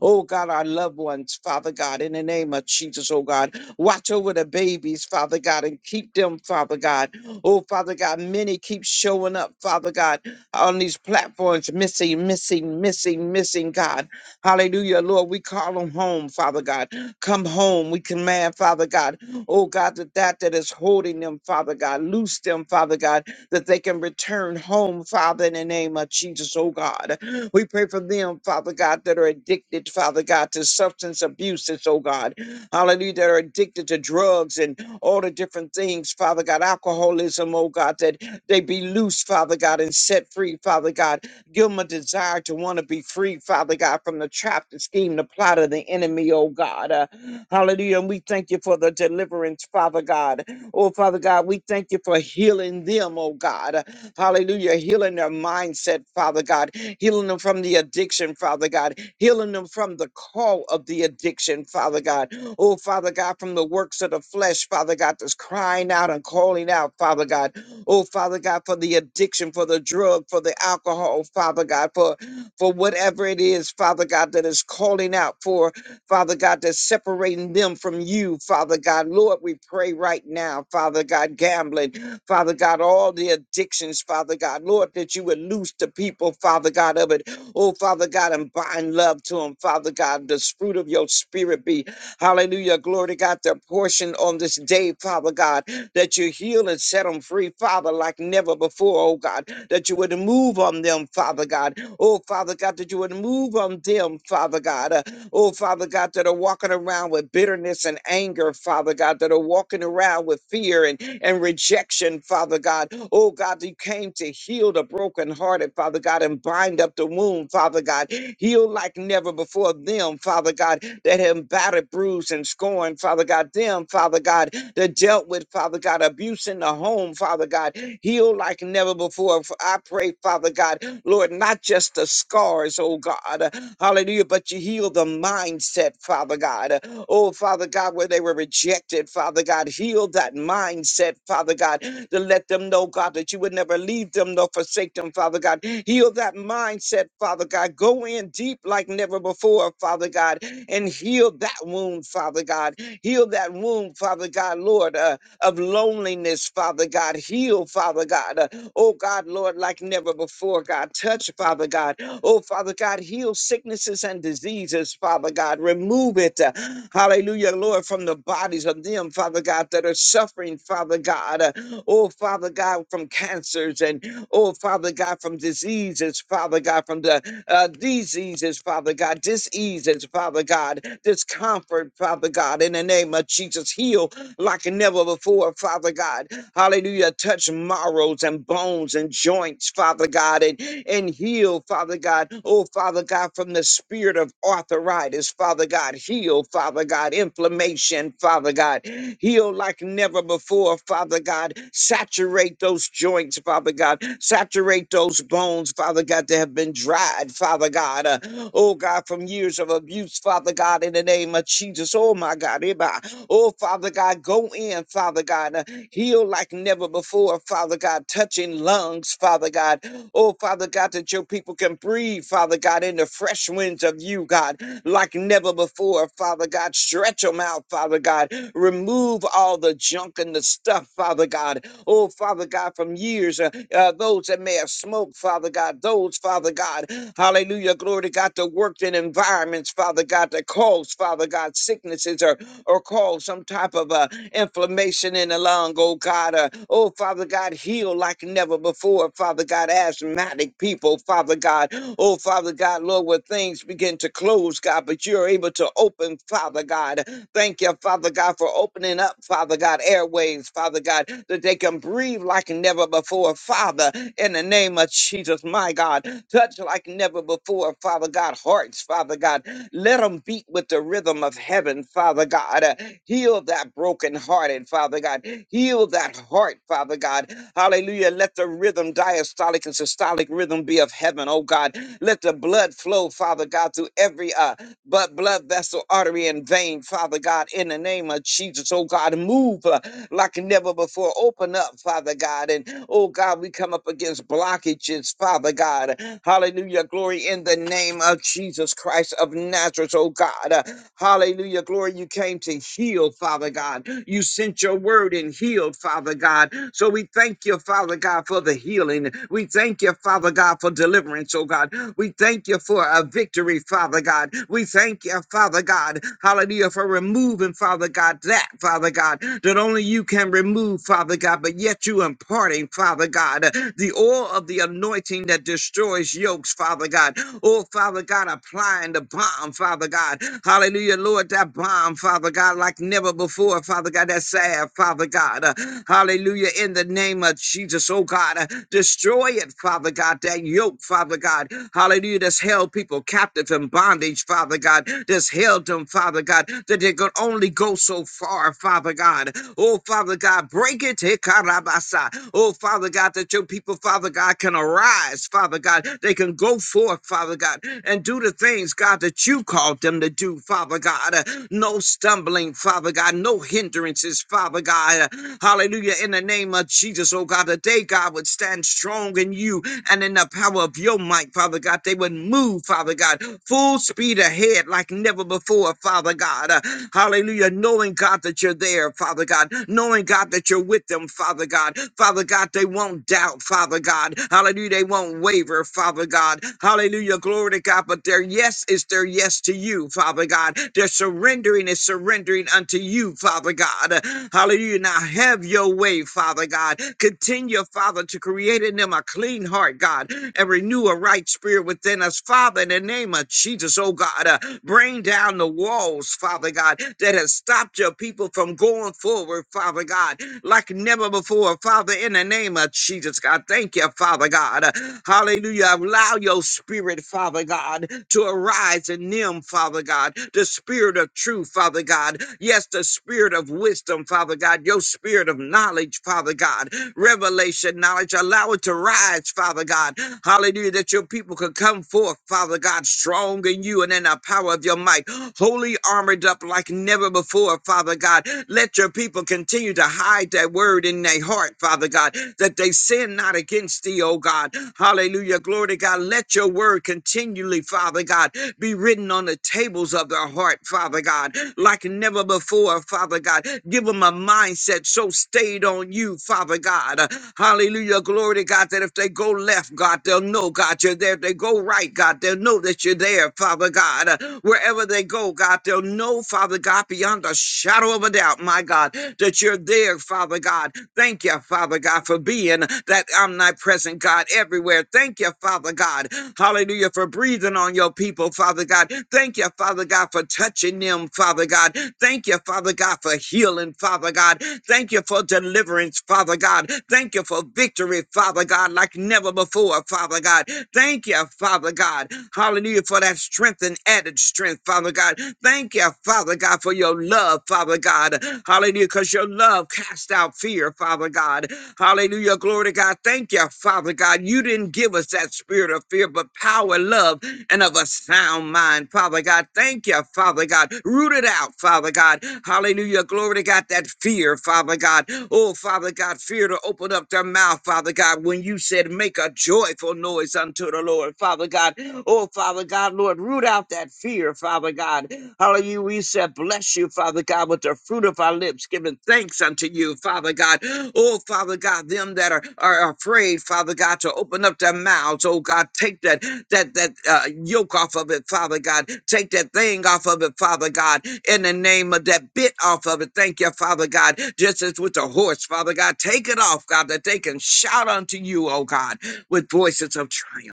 Speaker 4: Oh God, our loved ones, Father God, in the name of Jesus, oh God. Watch over the babies, Father God, and keep them, Father God. Oh Father God, many keep showing up, Father God, on these platforms, missing, missing, missing, missing, God. Hallelujah, Lord. We call them home, Father God. Come home. We command, Father God. Oh God, that that that is holding them, Father God. Loose them, Father God, that they can return home, Father, in the name of Jesus, oh God. We pray for them, Father God, that are addicted, Father God, to substance abuses, oh God. Hallelujah, that are addicted to drugs and all the different things, Father God, alcoholism, oh God, that they be loose, Father God, and set free, Father God. Give them a desire to want to be free, Father God, from the trap, the scheme, the plot of the enemy, oh God. Uh, hallelujah. And we thank you for the deliverance, Father God. Oh, Father God, we thank you for healing them, oh God. Uh, hallelujah. Healing their mindset, Father God. Healing them from the addiction, Father God. Healing them from the call of the addiction, Father God. Oh, Father God, from the works of the flesh, Father God, that's crying out and calling out, Father God. Oh, Father God, for the addiction, for the drug, for the alcohol, Father God, for, for whatever it is, Father God, that is calling out for, Father God, that's separating them from you, Father God. Lord, we pray right now, Father God, gambling, Father God, all the addictions, Father God. Lord, that you would loose the people, Father God, of it. Oh, Father God, and bind love to them, Father God. The fruit of your spirit be, hallelujah, glory to God, their portion on this day, Father God that you heal and set them free, Father, like never before, oh God, that you would move on them, Father God. Oh, Father God, that you would move on them, Father God. Uh, oh, Father God, that are walking around with bitterness and anger, Father God, that are walking around with fear and and rejection, Father God. Oh God, you came to heal the brokenhearted, Father God, and bind up the wound, Father God. Heal like never before them, Father God, that have battered, bruised, and scorned, Father God. Them, Father God, that dealt with, Father God, abuse in the home, Father God. Heal like never before. F- I pray, Father God, Lord, not just the scars, oh God, hallelujah, but you heal the mindset, Father God. Oh, Father God, where they were rejected, Father God, heal that mindset, Father God, to let them know, God, that you would never leave them nor forsake them, Father God. Heal that mindset, Father God. Go in deep like never before, Father God, and heal that wound, Father God. Heal that wound, Father God, Lord. uh, of loneliness, Father God. Heal, Father God. Uh, Oh God, Lord, like never before, God. Touch, Father God. Oh Father God, heal sicknesses and diseases, Father God. Remove it, uh, hallelujah, Lord, from the bodies of them, Father God, that are suffering, Father God. Uh, Oh Father God, from cancers and oh Father God, from diseases, Father God, from the uh, diseases, Father God, diseases, Father God, discomfort, Father God, in the name of Jesus. Heal like never before, Father God. Hallelujah. Touch marrows and bones and joints, Father God, and, and heal, Father God. Oh, Father God, from the spirit of arthritis, Father God. Heal, Father God. Inflammation, Father God. Heal like never before, Father God. Saturate those joints, Father God. Saturate those bones, Father God, that have been dried, Father God. Uh, oh, God, from years of abuse, Father God, in the name of Jesus. Oh, my God. Eba. Oh, Father God, go in, Father God. Heal like never before, Father God, touching lungs, Father God. Oh, Father God, that your people can breathe, Father God, in the fresh winds of you, God, like never before, Father God. Stretch them out, Father God. Remove all the junk and the stuff, Father God. Oh, Father God, from years, uh, uh, those that may have smoked, Father God, those, Father God, hallelujah, glory to God, that worked in environments, Father God, that caused, Father God, sicknesses or or cause some type of uh, inflammation in the lung, oh God. Uh, oh, Father God, heal like never before, Father God, asthmatic people, Father God. Oh, Father God, Lord, where things begin to close, God, but you're able to open, Father God. Thank you, Father God, for opening up, Father God, airways, Father God, that they can breathe like never before, Father, in the name of Jesus, my God. Touch like never before, Father God, hearts, Father God. Let them beat with the rhythm of heaven, Father God. Uh, Heal that brokenhearted, Father God. Heal that heart, Father God. Hallelujah. Let the rhythm, diastolic and systolic rhythm, be of heaven, oh God. Let the blood flow, Father God, through every uh, but blood vessel, artery, and vein, Father God, in the name of Jesus, oh God, move uh, like never before. Open up, Father God, and oh God, we come up against blockages, Father God. Hallelujah, glory in the name of Jesus Christ of Nazareth, oh God. Uh, Hallelujah, glory, you came to heal, Father God. You sent your word and healed, Father God. So we thank you, Father God, for the healing. We thank you, Father God, for deliverance, oh God. We thank you for a victory, Father God. We we thank you, Father God. Hallelujah, for removing, Father God, that, Father God, that only you can remove, Father God, but yet you imparting, Father God, the oil of the anointing that destroys yokes, Father God. Oh, Father God, applying the bomb, Father God. Hallelujah, Lord, that bomb, Father God, like never before, Father God, that salve, Father God. Uh, Hallelujah, in the name of Jesus, oh God, uh, destroy it, Father God, that yoke, Father God. Hallelujah, that's held people captive in bondage, Father. God. Father God, that's held them, Father God, that they could only go so far, Father God. Oh, Father God, break it. eh, karabasa. Oh, Father God, that your people, Father God, can arise, Father God. They can go forth, Father God, and do the things, God, that you called them to do, Father God. Uh, No stumbling, Father God, no hindrances, Father God. Uh, Hallelujah. In the name of Jesus, oh God, that they, God, would stand strong in you and in the power of your might, Father God. They would move, Father God, full speed ahead ahead like never before, Father God. Uh, hallelujah. Knowing, God, that you're there, Father God. Knowing, God, that you're with them, Father God. Father God, they won't doubt, Father God. Hallelujah. They won't waver, Father God. Hallelujah. Glory to God. But their yes is their yes to you, Father God. Their surrendering is surrendering unto you, Father God. Uh, Hallelujah. Now have your way, Father God. Continue, Father, to create in them a clean heart, God, and renew a right spirit within us, Father, in the name of Jesus, oh God. Bring down the walls, Father God, that has stopped your people from going forward, Father God, like never before. Father, in the name of Jesus, God, thank you, Father God. Hallelujah. Allow your spirit, Father God, to arise in them, Father God. The spirit of truth, Father God. Yes, the spirit of wisdom, Father God. Your spirit of knowledge, Father God revelation, knowledge. Allow it to rise, Father God. Hallelujah, that your people could come forth, Father God, strong in you and in the power of your might, wholly armored up like never before, Father God. Let your people continue to hide that word in their heart, Father God, that they sin not against thee, oh God. Hallelujah, glory to God. Let your word continually, Father God, be written on the tables of their heart, Father God. God, like never before, Father God. Give them a mindset so stayed on you, Father God. Hallelujah. Glory to God that if they go left, God, they'll know, God, you're there. If they go right, God, they'll know that you're there, Father God. Uh, Wherever they go, God, they'll know, Father God, beyond a shadow of a doubt, my God, that you're there, Father God. Thank you, Father God, for being that omnipresent God everywhere. Thank you, Father. God. Hallelujah, for breathing on your people, Father God. Thank you, Father God, for touching them, Father God. Thank you, Father God, for healing, Father God. Thank you for deliverance, Father God. Thank you for victory, Father God, like never before, Father God. Thank you, Father God. Hallelujah, for that strength and added strength, Father God. Thank you, Father God, for your love, Father God. Hallelujah, because your love casts out out fear, Father God. Hallelujah. Glory to God. Thank you, Father God. You didn't give us that spirit of fear, but power, love, and of a sound mind, Father God. Thank you, Father God. Root it out, Father God. Hallelujah. Glory to God. That fear, Father God. Oh, Father God, fear to open up their mouth, Father God, when you said, make a joyful noise unto the Lord, Father God. Oh, Father God, Lord, root out that fear, Father. Father God. Hallelujah. We said, bless you, Father God, with the fruit of our lips, giving thanks unto you, Father God. Oh, Father God, them that are, are afraid, Father God, to open up their mouths. Oh, God, take that that that uh, yoke off of it, Father God. Take that thing off of it, Father God. In the name of that bit off of it, thank you, Father God. Just as with the horse, Father God, take it off, God, that they can shout unto you, oh God, with voices of triumph.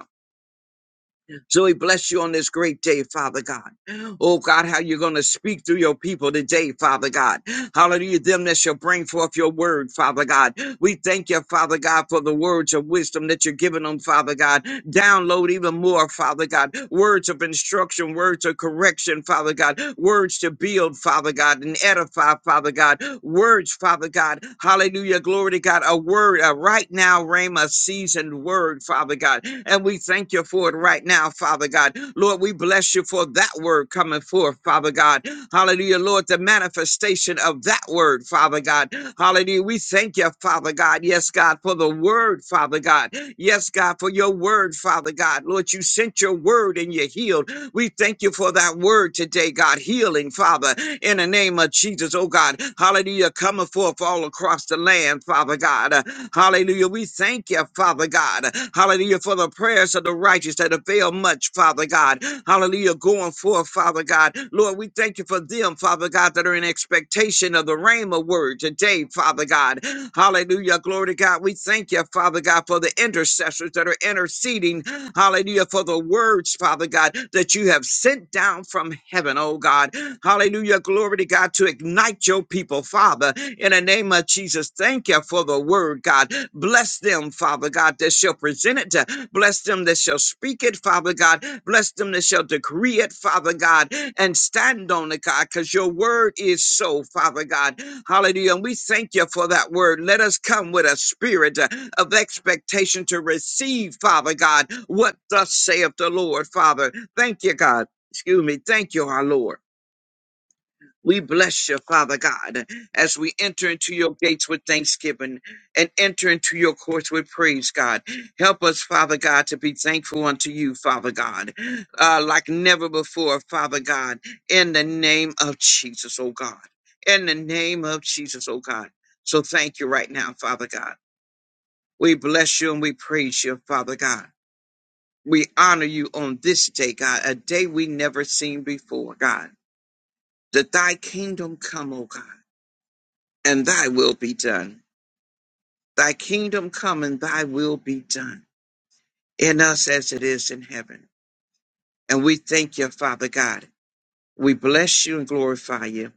Speaker 4: So we bless you on this great day, Father God. Oh God, how you're going to speak through your people today, Father God. Hallelujah. Them that shall bring forth your word, Father God. We thank you, Father God, for the words of wisdom that you're giving them, Father God. Download even more, Father God. Words of instruction, words of correction, Father God. Words to build, Father God, and edify, Father God. Words, Father God. Hallelujah. Glory to God. A word, a right right now, Rhema, seasoned word, Father God. And we thank you for it right now, Father God. Lord, we bless you for that word coming forth, Father God. Hallelujah, Lord, the manifestation of that word, Father God. Hallelujah, we thank you, Father God. Yes, God, for the word, Father God. Yes, God, for your word, Father God. Lord, you sent your word and you healed. We thank you for that word today, God. Healing, Father, in the name of Jesus, oh God. Hallelujah. Coming forth all across the land, Father God. Uh, Hallelujah. We thank you, Father God. Hallelujah. For the prayers of the righteous that avail much, Father God. Hallelujah. Going forth, Father God. Lord, we thank you for them, Father God, that are in expectation of the Rhema word today, Father God. Hallelujah. Glory to God. We thank you, Father God, for the intercessors that are interceding. Hallelujah. For the words, Father God that you have sent down from heaven, oh God. Hallelujah. Glory to God to ignite your people, Father, in the name of Jesus. Thank you for the word, God. Bless them, Father God, that shall present it. To, bless them that shall speak it, Father God. Bless them that shall decree it, Father God, and stand on it, God, because your word is so, Father God. Hallelujah. And we thank you for that word. Let us come with a spirit uh, of expectation to receive, Father God, what thus saith the Lord, Father. Thank you, God. Excuse me. Thank you, our Lord. We bless you, Father God, as we enter into your gates with thanksgiving and enter into your courts with praise, God. Help us, Father God, to be thankful unto you, Father God, uh, like never before, Father God, in the name of Jesus, oh God. In the name of Jesus, oh God. So thank you right now, Father God. We bless you and we praise you, Father God. We honor you on this day, God, a day we never seen before, God. that thy kingdom come, O God, and thy will be done. Thy kingdom come and thy will be done in us as it is in heaven. And we thank you, Father God. We bless you and glorify you.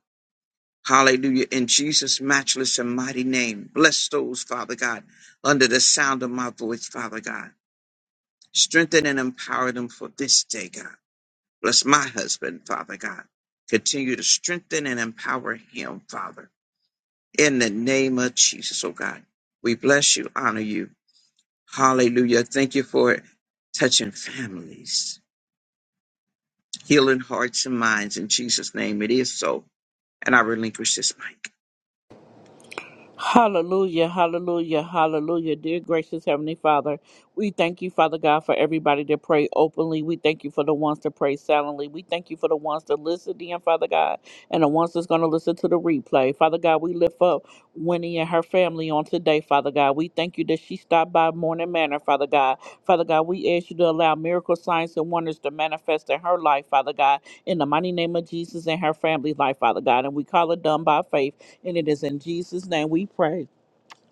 Speaker 4: Hallelujah. In Jesus' matchless and mighty name, bless those, Father God, under the sound of my voice, Father God. Strengthen and empower them for this day, God. Bless my husband, Father God. Continue to strengthen and empower him, Father. In the name of Jesus, oh God, we bless you, honor you. Hallelujah. Thank you for touching families, healing hearts and minds. In Jesus' name, it is so. And I relinquish this mic.
Speaker 1: Hallelujah, hallelujah, hallelujah. Dear gracious Heavenly Father, we thank you, Father God, for everybody that pray openly. We thank you for the ones that pray silently. We thank you for the ones that listen in, Father God, and the ones that's going to listen to the replay. Father God, we lift up Winnie and her family on today, Father God. We thank you that she stopped by Morning Manor, Father God. Father God, we ask you to allow miracle signs and wonders to manifest in her life, Father God, in the mighty name of Jesus and her family's life, Father God. And we call it done by faith. And it is in Jesus' name we pray.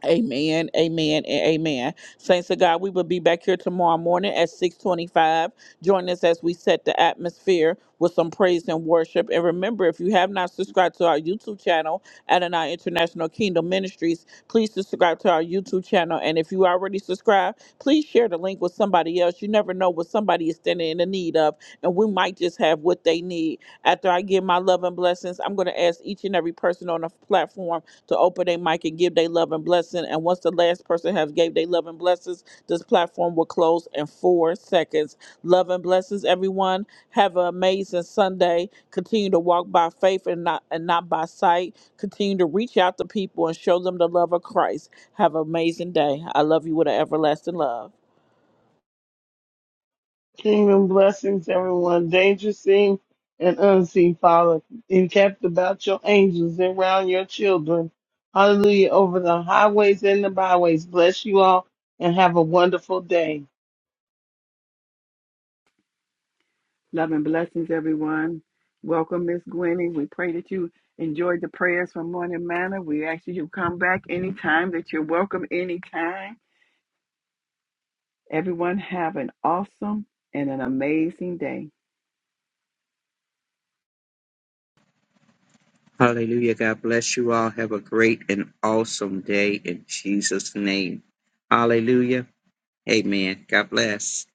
Speaker 1: Amen, amen, and amen. Saints of God, we will be back here tomorrow morning at 625. Join us as we set the atmosphere with some praise and worship. And remember, if you have not subscribed to our YouTube channel, Adonai International Kingdom Ministries, please subscribe to our YouTube channel. And if you already subscribed, please share the link with somebody else. You never know what somebody is standing in the need of, and we might just have what they need. After I give my love and blessings, I'm going to ask each and every person on the platform to open their mic and give their love and blessing. And once the last person has gave their love and blessings, this platform will close in four seconds. Love and blessings, everyone. Have an amazing Sunday. Continue to walk by faith and not and not by sight. Continue to reach out to people and show them the love of Christ. Have an amazing day. I love you with an everlasting love.
Speaker 2: Kingdom blessings, everyone, danger seen and unseen, Father, encamped about your angels and round your children. Hallelujah, over the highways and the byways. Bless you all and have a wonderful day.
Speaker 3: Love and blessings, everyone. Welcome, Miss Gwenny. We pray that you enjoyed the prayers from Morning Manor. We ask you to come back anytime, that you're welcome anytime. Everyone have an awesome and an amazing day.
Speaker 4: Hallelujah. God bless you all. Have a great and awesome day in Jesus' name. Hallelujah. Amen. God bless.